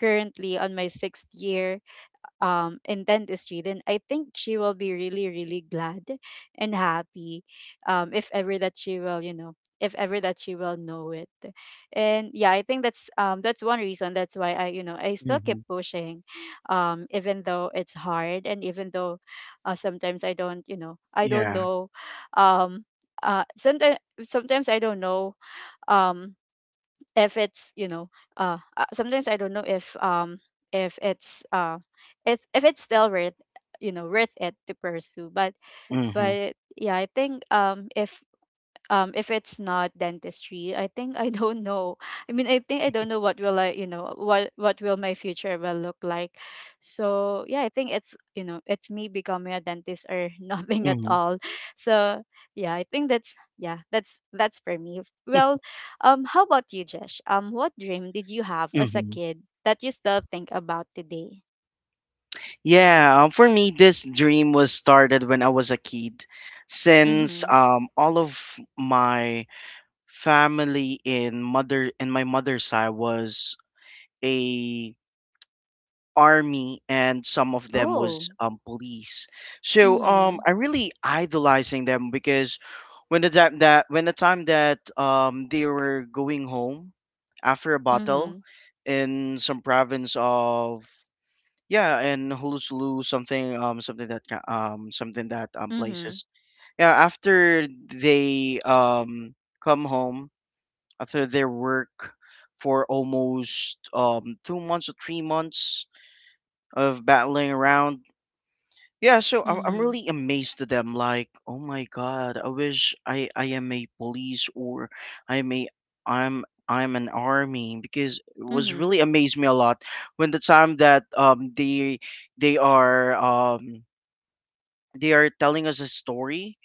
[SPEAKER 1] currently on my sixth year um in dentistry, then I think she will be really really glad and happy um if ever that she will, you know, if ever that she will know it. And yeah, I think that's, um that's one reason, that's why I, you know, I still keep
[SPEAKER 2] Mm-hmm.
[SPEAKER 1] pushing, um even though it's hard, and even though uh, sometimes I don't, you know, I don't
[SPEAKER 2] Yeah.
[SPEAKER 1] know, um uh sometimes, sometimes I don't know, um if it's, you know, uh uh, sometimes I don't know if, um if it's, uh if if it's still worth, you know, worth it to pursue, but
[SPEAKER 2] Mm-hmm.
[SPEAKER 1] but yeah, I think, um if um if it's not dentistry, I think I don't know. I mean, I think I don't know what will I, you know, what what will my future will look like. So yeah, I think it's, you know, it's me becoming a dentist, or nothing at
[SPEAKER 2] Mm-hmm.
[SPEAKER 1] all. So yeah, I think that's, yeah, that's that's for me. Well, um how about you, Jesh? Um what dream did you have as a
[SPEAKER 2] Mm-hmm.
[SPEAKER 1] kid that you still think about today?
[SPEAKER 2] Yeah, um, for me, this dream was started when I was a kid, since
[SPEAKER 1] Mm-hmm.
[SPEAKER 2] um, all of my family in mother in my mother's side was a army, and some of them
[SPEAKER 1] Oh.
[SPEAKER 2] was um, police. So um,
[SPEAKER 1] Mm-hmm.
[SPEAKER 2] I really idolizing them because when the time that when the time that um, they were going home after a battle
[SPEAKER 1] Mm-hmm.
[SPEAKER 2] in some province of, yeah, and Hulusulu, something, um something that ca- um something that um
[SPEAKER 1] Mm-hmm.
[SPEAKER 2] places. Yeah, after they um come home after their work for almost um two months or three months of battling around. Yeah, so I'm I'm
[SPEAKER 1] Mm-hmm.
[SPEAKER 2] really amazed to them. Like, oh my God, I wish I I am a police, or I'm a, I'm I'm an army, because it was
[SPEAKER 1] Mm-hmm.
[SPEAKER 2] really amazed me a lot when the time that um they they are um they are telling us a story.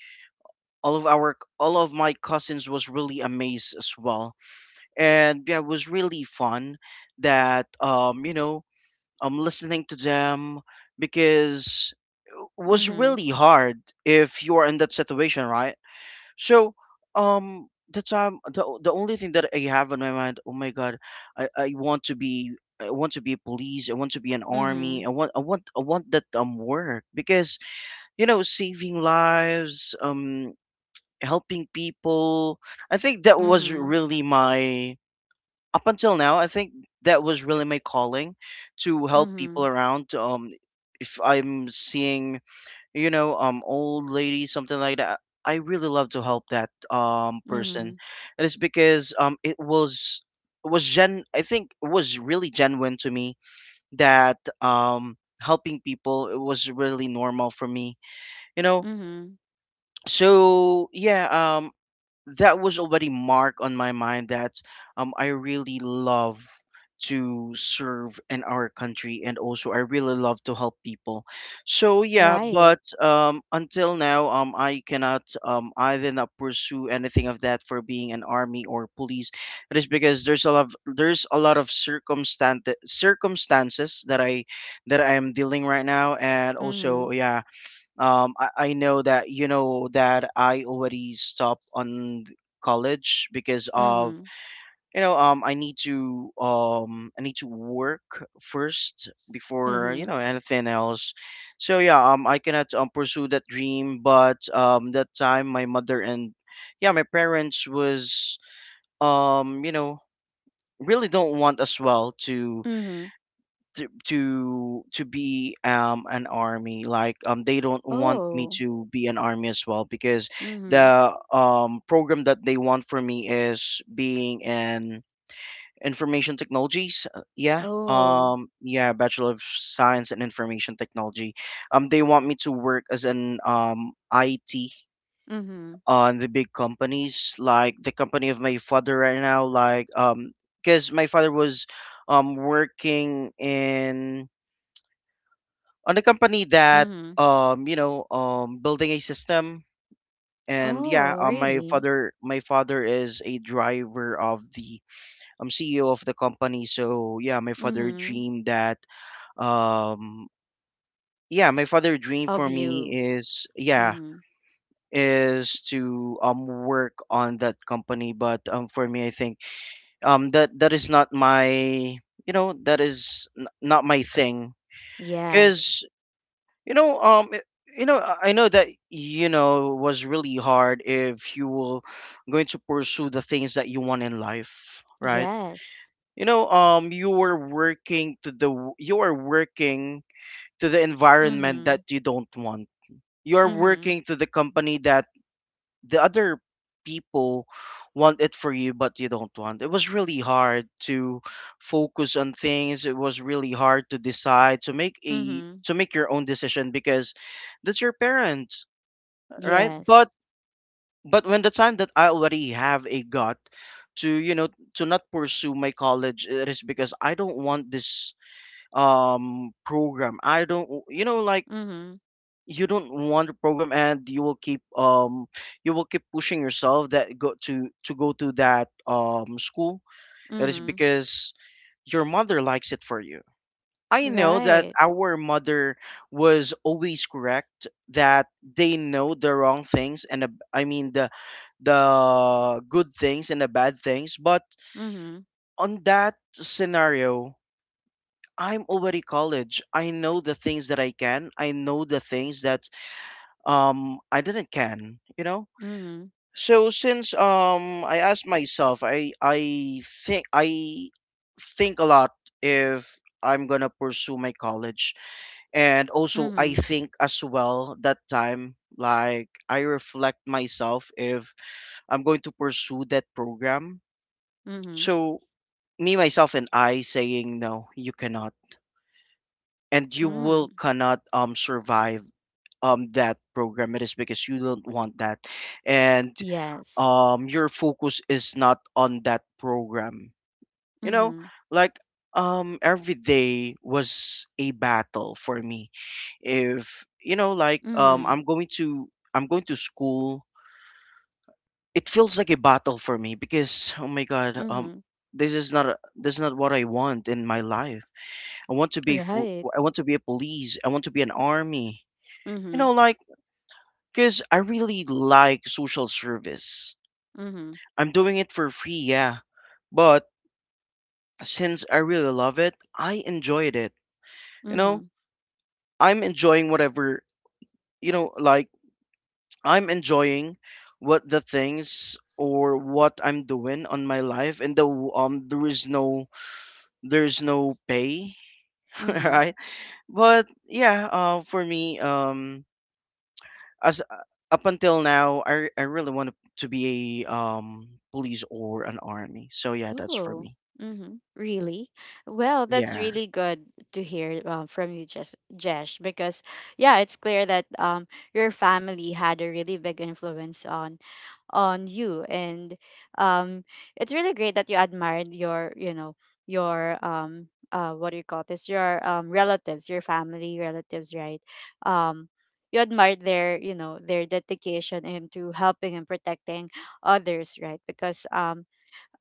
[SPEAKER 2] All of our all of my cousins was really amazed as well, and yeah, it was really fun that um you know, I'm listening to them because was
[SPEAKER 1] Mm-hmm.
[SPEAKER 2] really hard if you are in that situation, right? So, um, the time the o- the only thing that I have in my mind, oh my God, I, I want to be, I want to be police, I want to be an
[SPEAKER 1] Mm-hmm.
[SPEAKER 2] army, I want I want I want that um work, because you know, saving lives, um, helping people. I think that was
[SPEAKER 1] Mhm.
[SPEAKER 2] really my, up until now. I think that was really my calling to help people
[SPEAKER 1] Mhm.
[SPEAKER 2] around. Um, if I'm seeing, you know, um, old lady, something like that. I really love to help that um person.
[SPEAKER 1] Mhm.
[SPEAKER 2] It is because um it was was gen I think it was really genuine to me that um helping people, it was really normal for me. You know,
[SPEAKER 1] Mhm.
[SPEAKER 2] so yeah, um that was already marked on my mind that um, I really love to serve in our country, and also I really love to help people. So yeah,
[SPEAKER 1] Right.
[SPEAKER 2] but um, until now, um, I cannot, um, I did not pursue anything of that for being an army or police. It is because there's a lot, of, there's a lot of circumstance circumstances that I that I am dealing right now, and also
[SPEAKER 1] Mhm.
[SPEAKER 2] yeah, um I, I know that you know that I already stopped on th- college because of
[SPEAKER 1] Mhm.
[SPEAKER 2] you know um I need to um I need to work first before you
[SPEAKER 1] Mhm.
[SPEAKER 2] know anything else. So yeah, um I cannot um, pursue that dream. But um that time, my mother and yeah my parents was, um you know really don't want as well to
[SPEAKER 1] Mhm.
[SPEAKER 2] to to to be um an army. Like, um they don't want me
[SPEAKER 1] Oh.
[SPEAKER 2] to be an army as well, because
[SPEAKER 1] Mhm.
[SPEAKER 2] the um program that they want for me is being an information technologies, uh, yeah
[SPEAKER 1] Oh.
[SPEAKER 2] um yeah bachelor of science in information technology. Um they want me to work as an um I T
[SPEAKER 1] Mhm.
[SPEAKER 2] on the big companies, like the company of my father right now. Like, um because my father was um working in on a company that,
[SPEAKER 1] Mhm.
[SPEAKER 2] um you know um building a system. And
[SPEAKER 1] Oh,
[SPEAKER 2] yeah, uh, my
[SPEAKER 1] really?
[SPEAKER 2] father my father is a driver of the um C E O of the company. So yeah, my father
[SPEAKER 1] Mhm.
[SPEAKER 2] dreamed that, um yeah my father dream
[SPEAKER 1] Of
[SPEAKER 2] for
[SPEAKER 1] you.
[SPEAKER 2] me is yeah
[SPEAKER 1] Mhm.
[SPEAKER 2] is to um work on that company. But um for me, I think um that that is not my, you know that is n- not my thing.
[SPEAKER 1] Yes.
[SPEAKER 2] Because You know, um, it- you know, I I know that you know was really hard if you were going to pursue the things that you want in life, right?
[SPEAKER 1] Yes.
[SPEAKER 2] You know, um, you were working to the w- you are working to the environment that
[SPEAKER 1] Mhm.
[SPEAKER 2] you don't want. You are
[SPEAKER 1] Mhm.
[SPEAKER 2] working to the company that the other people want it for you, but you don't want it. Was really hard to focus on things. It was really hard to decide to make a
[SPEAKER 1] Mhm.
[SPEAKER 2] to make your own decision, because that's your parents, right?
[SPEAKER 1] Yes.
[SPEAKER 2] But but when the time that I already have a gut to you know to not pursue my college, it is because I don't want this um program. I don't, you know like,
[SPEAKER 1] Mhm.
[SPEAKER 2] you don't want to program, and you will keep, um you will keep pushing yourself that go to to go to that um school. It is
[SPEAKER 1] Mhm.
[SPEAKER 2] because your mother likes it for you. I know that
[SPEAKER 1] Right.
[SPEAKER 2] our mother was always correct, that they know the wrong things and, the- I mean, the the good things and the bad things. But
[SPEAKER 1] Mhm.
[SPEAKER 2] on that scenario, I'm already college. I know the things that I can. I know the things that, um I didn't can, you know?
[SPEAKER 1] Mhm.
[SPEAKER 2] So, since um I asked myself, I I think I think a lot if I'm gonna pursue my college. And also I
[SPEAKER 1] Mhm.
[SPEAKER 2] think as well that time, like, I reflect myself if I'm going to pursue that program.
[SPEAKER 1] Mhm.
[SPEAKER 2] So, me, myself, and I saying no, you cannot. And you will
[SPEAKER 1] Mhm.
[SPEAKER 2] cannot um survive um that program. It is because you don't want that. And
[SPEAKER 1] Yes.
[SPEAKER 2] um your focus is not on that program, you know,
[SPEAKER 1] Mhm.
[SPEAKER 2] like, um every day was a battle for me. If, you know like um
[SPEAKER 1] Mhm.
[SPEAKER 2] i'm going to i'm going to school, it feels like a battle for me, because, oh my god, um
[SPEAKER 1] Mhm.
[SPEAKER 2] this is not a, this is not what I want in my life. I want to be full,
[SPEAKER 1] Right.
[SPEAKER 2] I want to be a police, I want to be an army, you
[SPEAKER 1] Mhm.
[SPEAKER 2] know like because I really like social service.
[SPEAKER 1] Mhm.
[SPEAKER 2] I'm doing it for free, yeah. But since I really love it, I enjoyed it. You know,
[SPEAKER 1] Mhm.
[SPEAKER 2] I'm enjoying whatever, you know, like I'm enjoying what the things or what I'm doing on my life. And the um there is no there's no pay,
[SPEAKER 1] Mhm.
[SPEAKER 2] right? But yeah, uh, for me, um as uh, up until now, I I really want to be a um police or an army. So yeah, that's for
[SPEAKER 1] Oh,
[SPEAKER 2] me.
[SPEAKER 1] mm-hmm, really? Well, that's
[SPEAKER 2] Yeah.
[SPEAKER 1] really good to hear, um, from you, Jesh, Jesh, because yeah, it's clear that um your family had a really big influence on on you, and um it's really great that you admired your, you know, your, um uh what do you call this, your um relatives, your family relatives, right? um you admired their, you know, their dedication into helping and protecting others, right? Because, um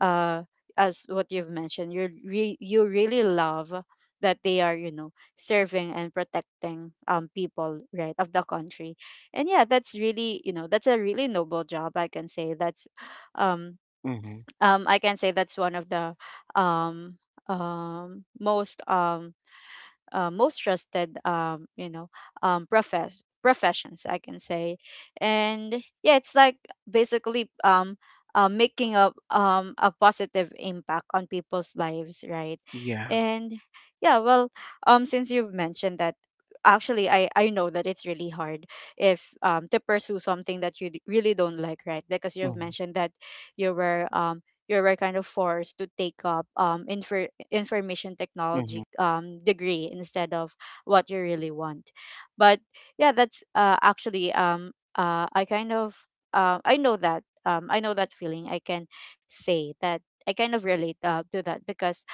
[SPEAKER 1] uh as what you've mentioned, you re- you really love that they are, you know, serving and protecting um people, right, of the country. And yeah, that's really, you know, that's a really noble job, I can say. That's, um
[SPEAKER 2] Mhm.
[SPEAKER 1] um I can say that's one of the um um most um uh, most trusted, um you know, um profess professions, I can say. And yeah, it's like basically, um uh, making a, um a positive impact on people's lives, right?
[SPEAKER 2] Yeah.
[SPEAKER 1] And yeah, well, um since you've mentioned that, actually, i i know that it's really hard, if um to pursue something that you d- really don't like, right? Because you've
[SPEAKER 2] Mhm.
[SPEAKER 1] mentioned that you were, um you were kind of forced to take up um infer information
[SPEAKER 2] Mhm.
[SPEAKER 1] technology um, degree, instead of what you really want. But yeah, that's, uh, actually um, uh, I kind of, uh, I know that, um, I know that feeling. I can say that I kind of relate, uh, to that, because,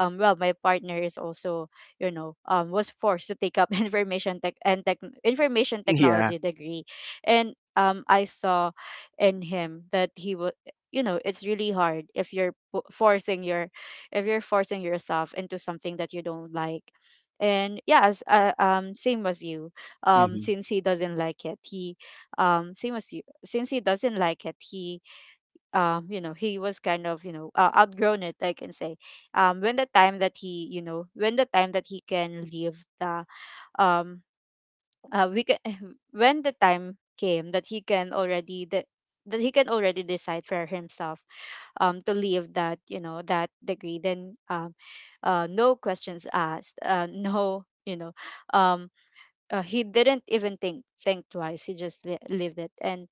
[SPEAKER 1] um, well, my partner is also, you know, um, was forced to take up information tech and tech information
[SPEAKER 2] Yeah.
[SPEAKER 1] technology degree, and um, I saw in him that he was, you know, it's really hard if you're po- forcing your, if you're forcing yourself into something that you don't like. And yes, as, uh, um same as you, um
[SPEAKER 2] Mhm.
[SPEAKER 1] since he doesn't like it, he um same as you since he doesn't like it he um you know, he was kind of, you know, uh, outgrown it, I can say, um when the time that he, you know, when the time that he can leave the, um uh, we can when the time came that he can already that, that he can already decide for himself, um, to leave that, you know, that degree, then um, uh, no questions asked, uh, no, you know, um, uh, he didn't even think think twice, he just li- lived it. and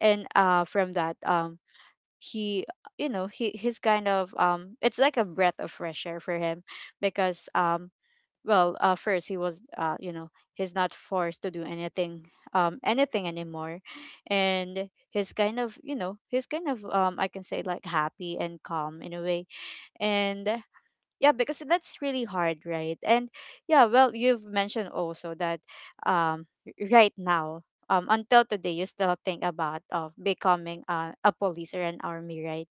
[SPEAKER 1] and uh, from that, um, he, you know, he he's kind of, um it's like a breath of fresh air for him, because, um well, uh, first he was, uh, you know, he's not forced to do anything, um anything anymore. And he's kind of, you know, he's kind of, um I can say, like happy and calm in a way. And yeah, because that's really hard, right? And yeah, well, you've mentioned also that, um r- right now, um until today, you still think about of becoming, uh, a police or an army, right?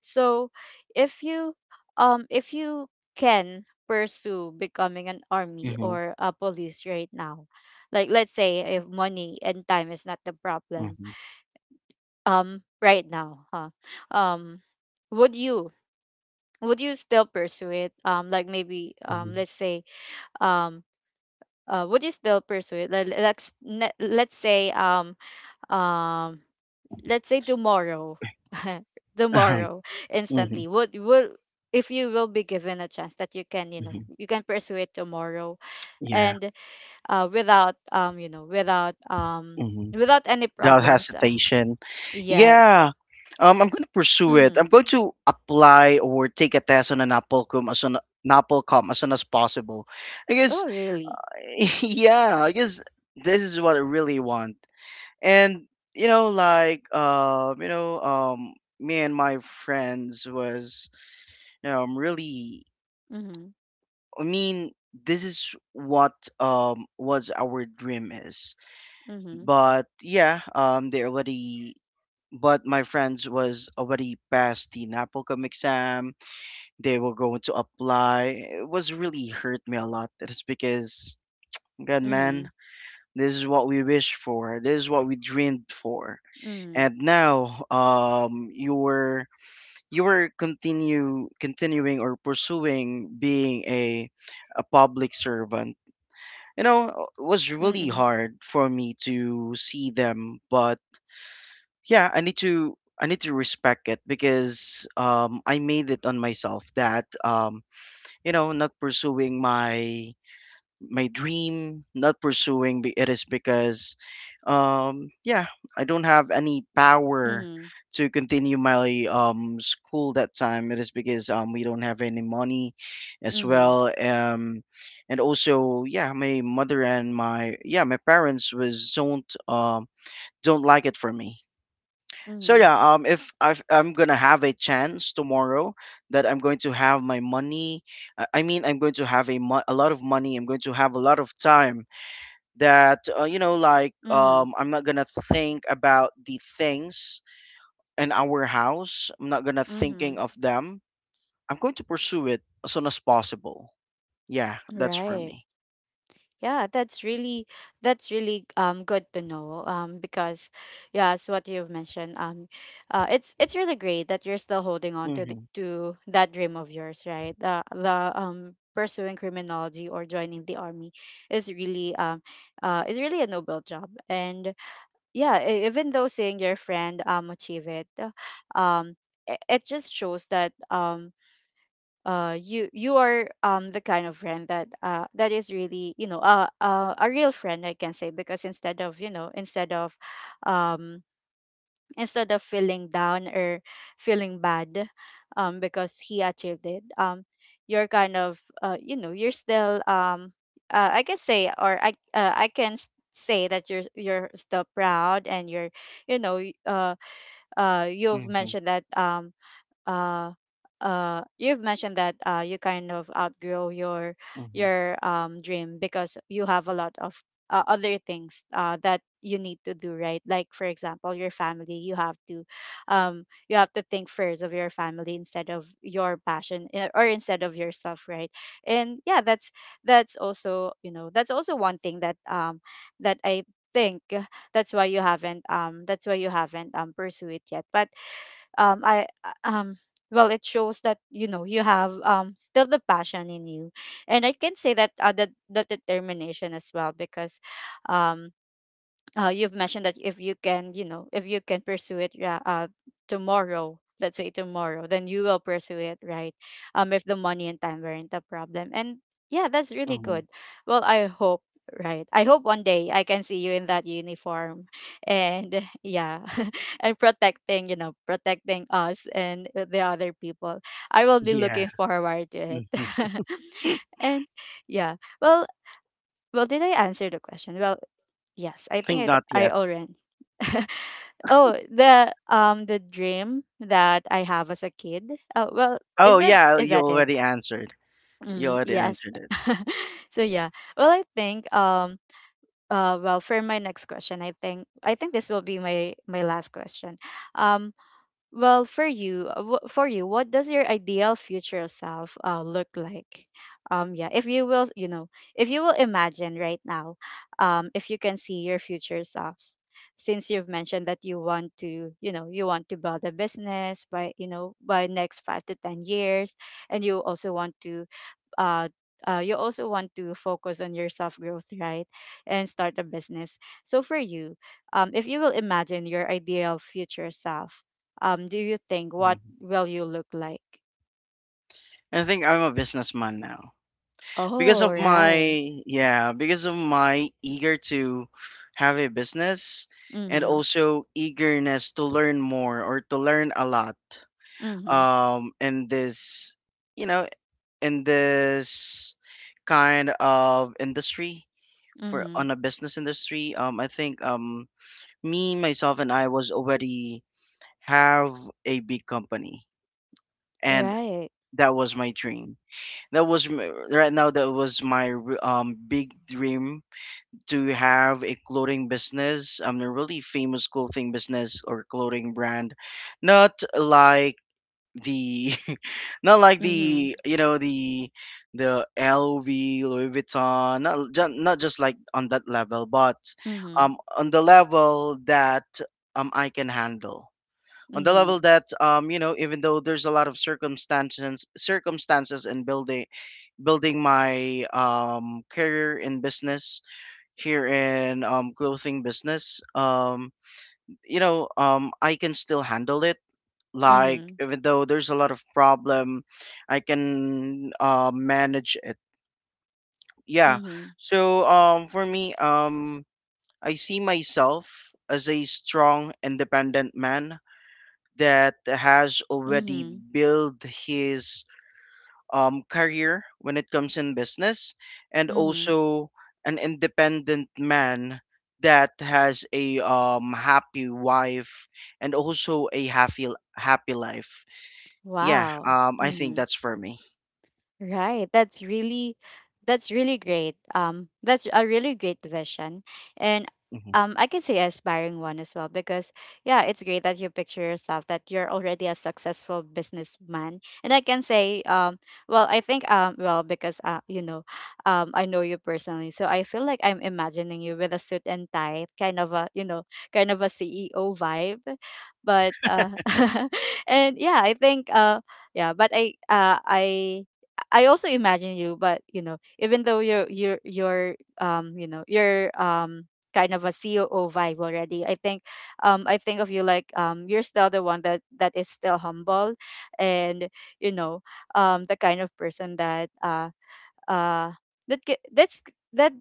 [SPEAKER 1] So, if you, um If you can pursue becoming an army
[SPEAKER 2] Mhm.
[SPEAKER 1] or a police right now, like let's say if money and time is not the problem,
[SPEAKER 2] Mhm,
[SPEAKER 1] um right now, huh? um would you would you still pursue it, um like maybe, um
[SPEAKER 2] mhm.
[SPEAKER 1] let's say, um uh would you still pursue it? Let- let's ne- let's say, um um let's say tomorrow.
[SPEAKER 2] Uh-huh.
[SPEAKER 1] Tomorrow,
[SPEAKER 2] Mhm,
[SPEAKER 1] instantly, would would if you will be given a chance that you can, you know,
[SPEAKER 2] mhm.
[SPEAKER 1] you can pursue it tomorrow,
[SPEAKER 2] Yeah.
[SPEAKER 1] and uh without um you know without um
[SPEAKER 2] Mhm.
[SPEAKER 1] without any
[SPEAKER 2] Without
[SPEAKER 1] problems, uh,
[SPEAKER 2] hesitation.
[SPEAKER 1] yes.
[SPEAKER 2] Yeah. Um, I'm going to pursue it. I'm
[SPEAKER 1] Mhm.
[SPEAKER 2] going to apply or take a test on an Applecom as soon Applecom as soon as possible. I guess.
[SPEAKER 1] Oh, really?
[SPEAKER 2] Yeah, I guess this is what I really want. And, you know, like uh, you know, um me and my friends was, you know, I'm really
[SPEAKER 1] Mhm.
[SPEAKER 2] I mean, this is what um was our dream is.
[SPEAKER 1] Mhm.
[SPEAKER 2] But yeah, um, they already. But my friends was already past the NAPOCOM exam. They were going to apply. It was really hurt me a lot. It is because, God,
[SPEAKER 1] Mhm.
[SPEAKER 2] man, this is what we wished for. This is what we dreamed for.
[SPEAKER 1] Mhm.
[SPEAKER 2] And now, um, you were you were continue continuing or pursuing being a a public servant. You know, it was really
[SPEAKER 1] Mhm.
[SPEAKER 2] hard for me to see them, but yeah, i need to i need to respect it, because um I made it on myself that, um you know not pursuing my my dream, not pursuing, be- it is because um yeah, I don't have any power
[SPEAKER 1] Mhm.
[SPEAKER 2] to continue my um school that time. It is because um we don't have any money as
[SPEAKER 1] Mhm.
[SPEAKER 2] well. Um and also yeah, my mother and my yeah my parents was, don't um don't like it for me. So
[SPEAKER 1] Mhm.
[SPEAKER 2] yeah, um, if, I've, I'm gonna have a chance tomorrow that I'm going to have my money, I I mean, I'm going to have a mo- a lot of money. I'm going to have a lot of time that, uh, you know, like
[SPEAKER 1] Mhm.
[SPEAKER 2] um, I'm not gonna think about the things in our house. I'm not gonna thinking
[SPEAKER 1] Mhm.
[SPEAKER 2] of them. I'm going to pursue it as soon as possible. Yeah, that's for
[SPEAKER 1] Right.
[SPEAKER 2] me.
[SPEAKER 1] Yeah, that's really that's really um good to know, um because yeah, as what you've mentioned, um uh it's it's really great that you're still holding on to the,
[SPEAKER 2] Mm-hmm.
[SPEAKER 1] to that dream of yours, right? The the um pursuing criminology or joining the army is really um uh is really a noble job. And yeah, e- even though seeing your friend um achieve it, uh, um it, it just shows that, um uh you you are um the kind of friend that uh that is really, you know, uh, uh a real friend, I can say, because instead of you know instead of um instead of feeling down or feeling bad, um because he achieved it. Um you're kind of, uh you know, you're still, um uh, I can say, or i uh, I can s- say that you're you're still proud, and you're you know y- uh uh you've
[SPEAKER 2] Mm-hmm.
[SPEAKER 1] mentioned that, um uh uh you've mentioned that uh you kind of outgrow your
[SPEAKER 2] Mm-hmm.
[SPEAKER 1] your um dream, because you have a lot of, uh, other things uh that you need to do, right, like for example your family. You have to, um you have to think first of your family instead of your passion, eh, or instead of yourself, right? And yeah, that's that's also you know that's also one thing that, um that I think, uh, that's why you haven't um that's why you haven't, um pursue it yet. But, um I uh, um well, it shows that, you know, you have um still the passion in you. And I can say that, uh, the, the determination as well, because um uh, you've mentioned that if you can, you know, if you can pursue it, ra- uh, tomorrow, let's say tomorrow, then you will pursue it, right? Um, if the money and time weren't a problem. And yeah, that's really
[SPEAKER 2] Mm-hmm.
[SPEAKER 1] good. Well, I hope, right? I hope one day I can see you in that uniform and yeah, and protecting, you know, protecting us and the other people. I will be
[SPEAKER 2] Yeah.
[SPEAKER 1] looking forward to it.
[SPEAKER 2] Mm-hmm.
[SPEAKER 1] And yeah, well, well, did I answer the question? Well, yes, I think
[SPEAKER 2] Think
[SPEAKER 1] I d-
[SPEAKER 2] not
[SPEAKER 1] I
[SPEAKER 2] yet.
[SPEAKER 1] already. Oh, the um the dream that I have as a kid. Oh, well,
[SPEAKER 2] Oh
[SPEAKER 1] is that
[SPEAKER 2] yeah,
[SPEAKER 1] is
[SPEAKER 2] you
[SPEAKER 1] that it?
[SPEAKER 2] already answered. You
[SPEAKER 1] Mm,
[SPEAKER 2] already
[SPEAKER 1] yes.
[SPEAKER 2] answered it.
[SPEAKER 1] So yeah. Well, I think, um uh well, for my next question, I think, I think this will be my my last question. Um well, for you, uh, wh- for you, what does your ideal future self, uh, look like? Um, yeah, if you will, you know, if you will imagine right now, um, if you can see your future self, since you've mentioned that you want to, you know, you want to build a business by, you know, by next five to ten years, and you also want to, uh, uh, you also want to focus on your self growth, right? And start a business. So for you, um, if you will imagine your ideal future self, um, do you think what
[SPEAKER 2] Mhm.
[SPEAKER 1] will you look like?
[SPEAKER 2] I think I'm a businessman now, because
[SPEAKER 1] Oh,
[SPEAKER 2] of my
[SPEAKER 1] right.
[SPEAKER 2] yeah because of my eager to have a business, and
[SPEAKER 1] Mm-hmm.
[SPEAKER 2] also eagerness to learn more, or to learn a lot,
[SPEAKER 1] Mm-hmm.
[SPEAKER 2] um in this you know in this kind of industry. For
[SPEAKER 1] Mm-hmm.
[SPEAKER 2] on a business industry, um I think, um me, myself, and I was already have a big company. And
[SPEAKER 1] Right.
[SPEAKER 2] that was my dream. That was m- right now that was my r- um big dream, to have a clothing business, um a really famous clothing business or clothing brand. Not like the not like
[SPEAKER 1] Mm-hmm.
[SPEAKER 2] the you know the the L V, Louis Vuitton, not ju- not just like on that level. But
[SPEAKER 1] Mm-hmm.
[SPEAKER 2] um on the level that um I can handle, on the
[SPEAKER 1] Mm-hmm.
[SPEAKER 2] level that, um you know even though there's a lot of circumstances circumstances in building building my um career in business here in um clothing business, um you know um I can still handle it. Like,
[SPEAKER 1] Mm-hmm.
[SPEAKER 2] even though there's a lot of problem, I can, uh, manage it, yeah.
[SPEAKER 1] Mm-hmm.
[SPEAKER 2] So, um for me, um I see myself as a strong, independent man that has already
[SPEAKER 1] Mm-hmm.
[SPEAKER 2] built his um, career when it comes in business, and
[SPEAKER 1] Mm-hmm.
[SPEAKER 2] also an independent man that has a um, happy wife and also a happy happy life. Yeah,
[SPEAKER 1] Wow.
[SPEAKER 2] um, I think
[SPEAKER 1] Mm-hmm.
[SPEAKER 2] that's for me.
[SPEAKER 1] Right. That's really that's really great. Um that's a really great vision. And,
[SPEAKER 2] Mhm.
[SPEAKER 1] um I can say aspiring one as well, because yeah, it's great that you picture yourself that you're already a successful businessman. And I can say, um well, I think, um well, because uh you know, um I know you personally. So I feel like I'm imagining you with a suit and tie, kind of a, you know, kind of a C E O vibe. But, uh and yeah, I think, uh yeah, but I uh I I also imagine you, but you know, even though you're you're you're um you know you're um kind of a C O O vibe already, I think, um I think of you like, um you're still the one that that is still humble, and you know, um the kind of person that uh uh that ca- that's that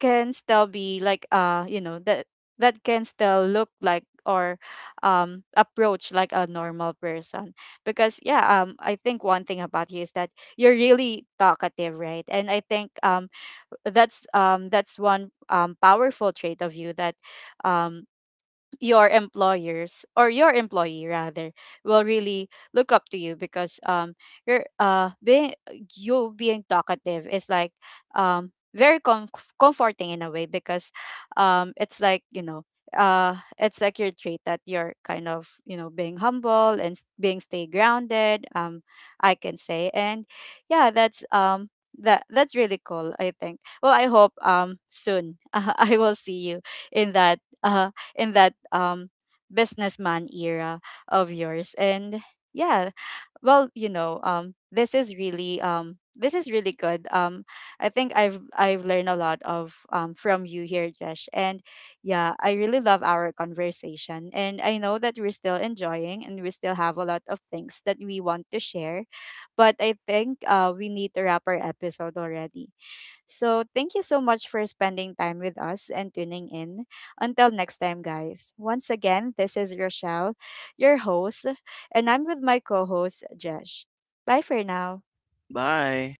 [SPEAKER 1] can still be like, uh you know, that that can still look like, or um approach like a normal person, because yeah, um I think one thing about you is that you're really talkative, right? And I think, um that's um that's one, um powerful trait of you, that um your employers, or your employee rather, will really look up to you, because, um you're uh being you being talkative is like, um very com- comforting in a way, because, um it's like, you know, uh it's like your trait that you're kind of, you know, being humble and s- being stay grounded, um I can say. And yeah, that's um that that's really cool, I think. Well, I hope, um soon I will see you in that, uh, in that um businessman era of yours, and yeah, well, you know, um this is really um this is really good. um I think i've i've learned a lot of, um from you here, Josh, and yeah, I really love our conversation, and I know that we're still enjoying and we still have a lot of things that we want to share, but I think uh we need to wrap our episode already. So, thank you so much for spending time with us and tuning in. Until next time, guys. Once again, this is Rochelle, your host, and I'm with my co host, Jesh. Bye for now.
[SPEAKER 2] Bye.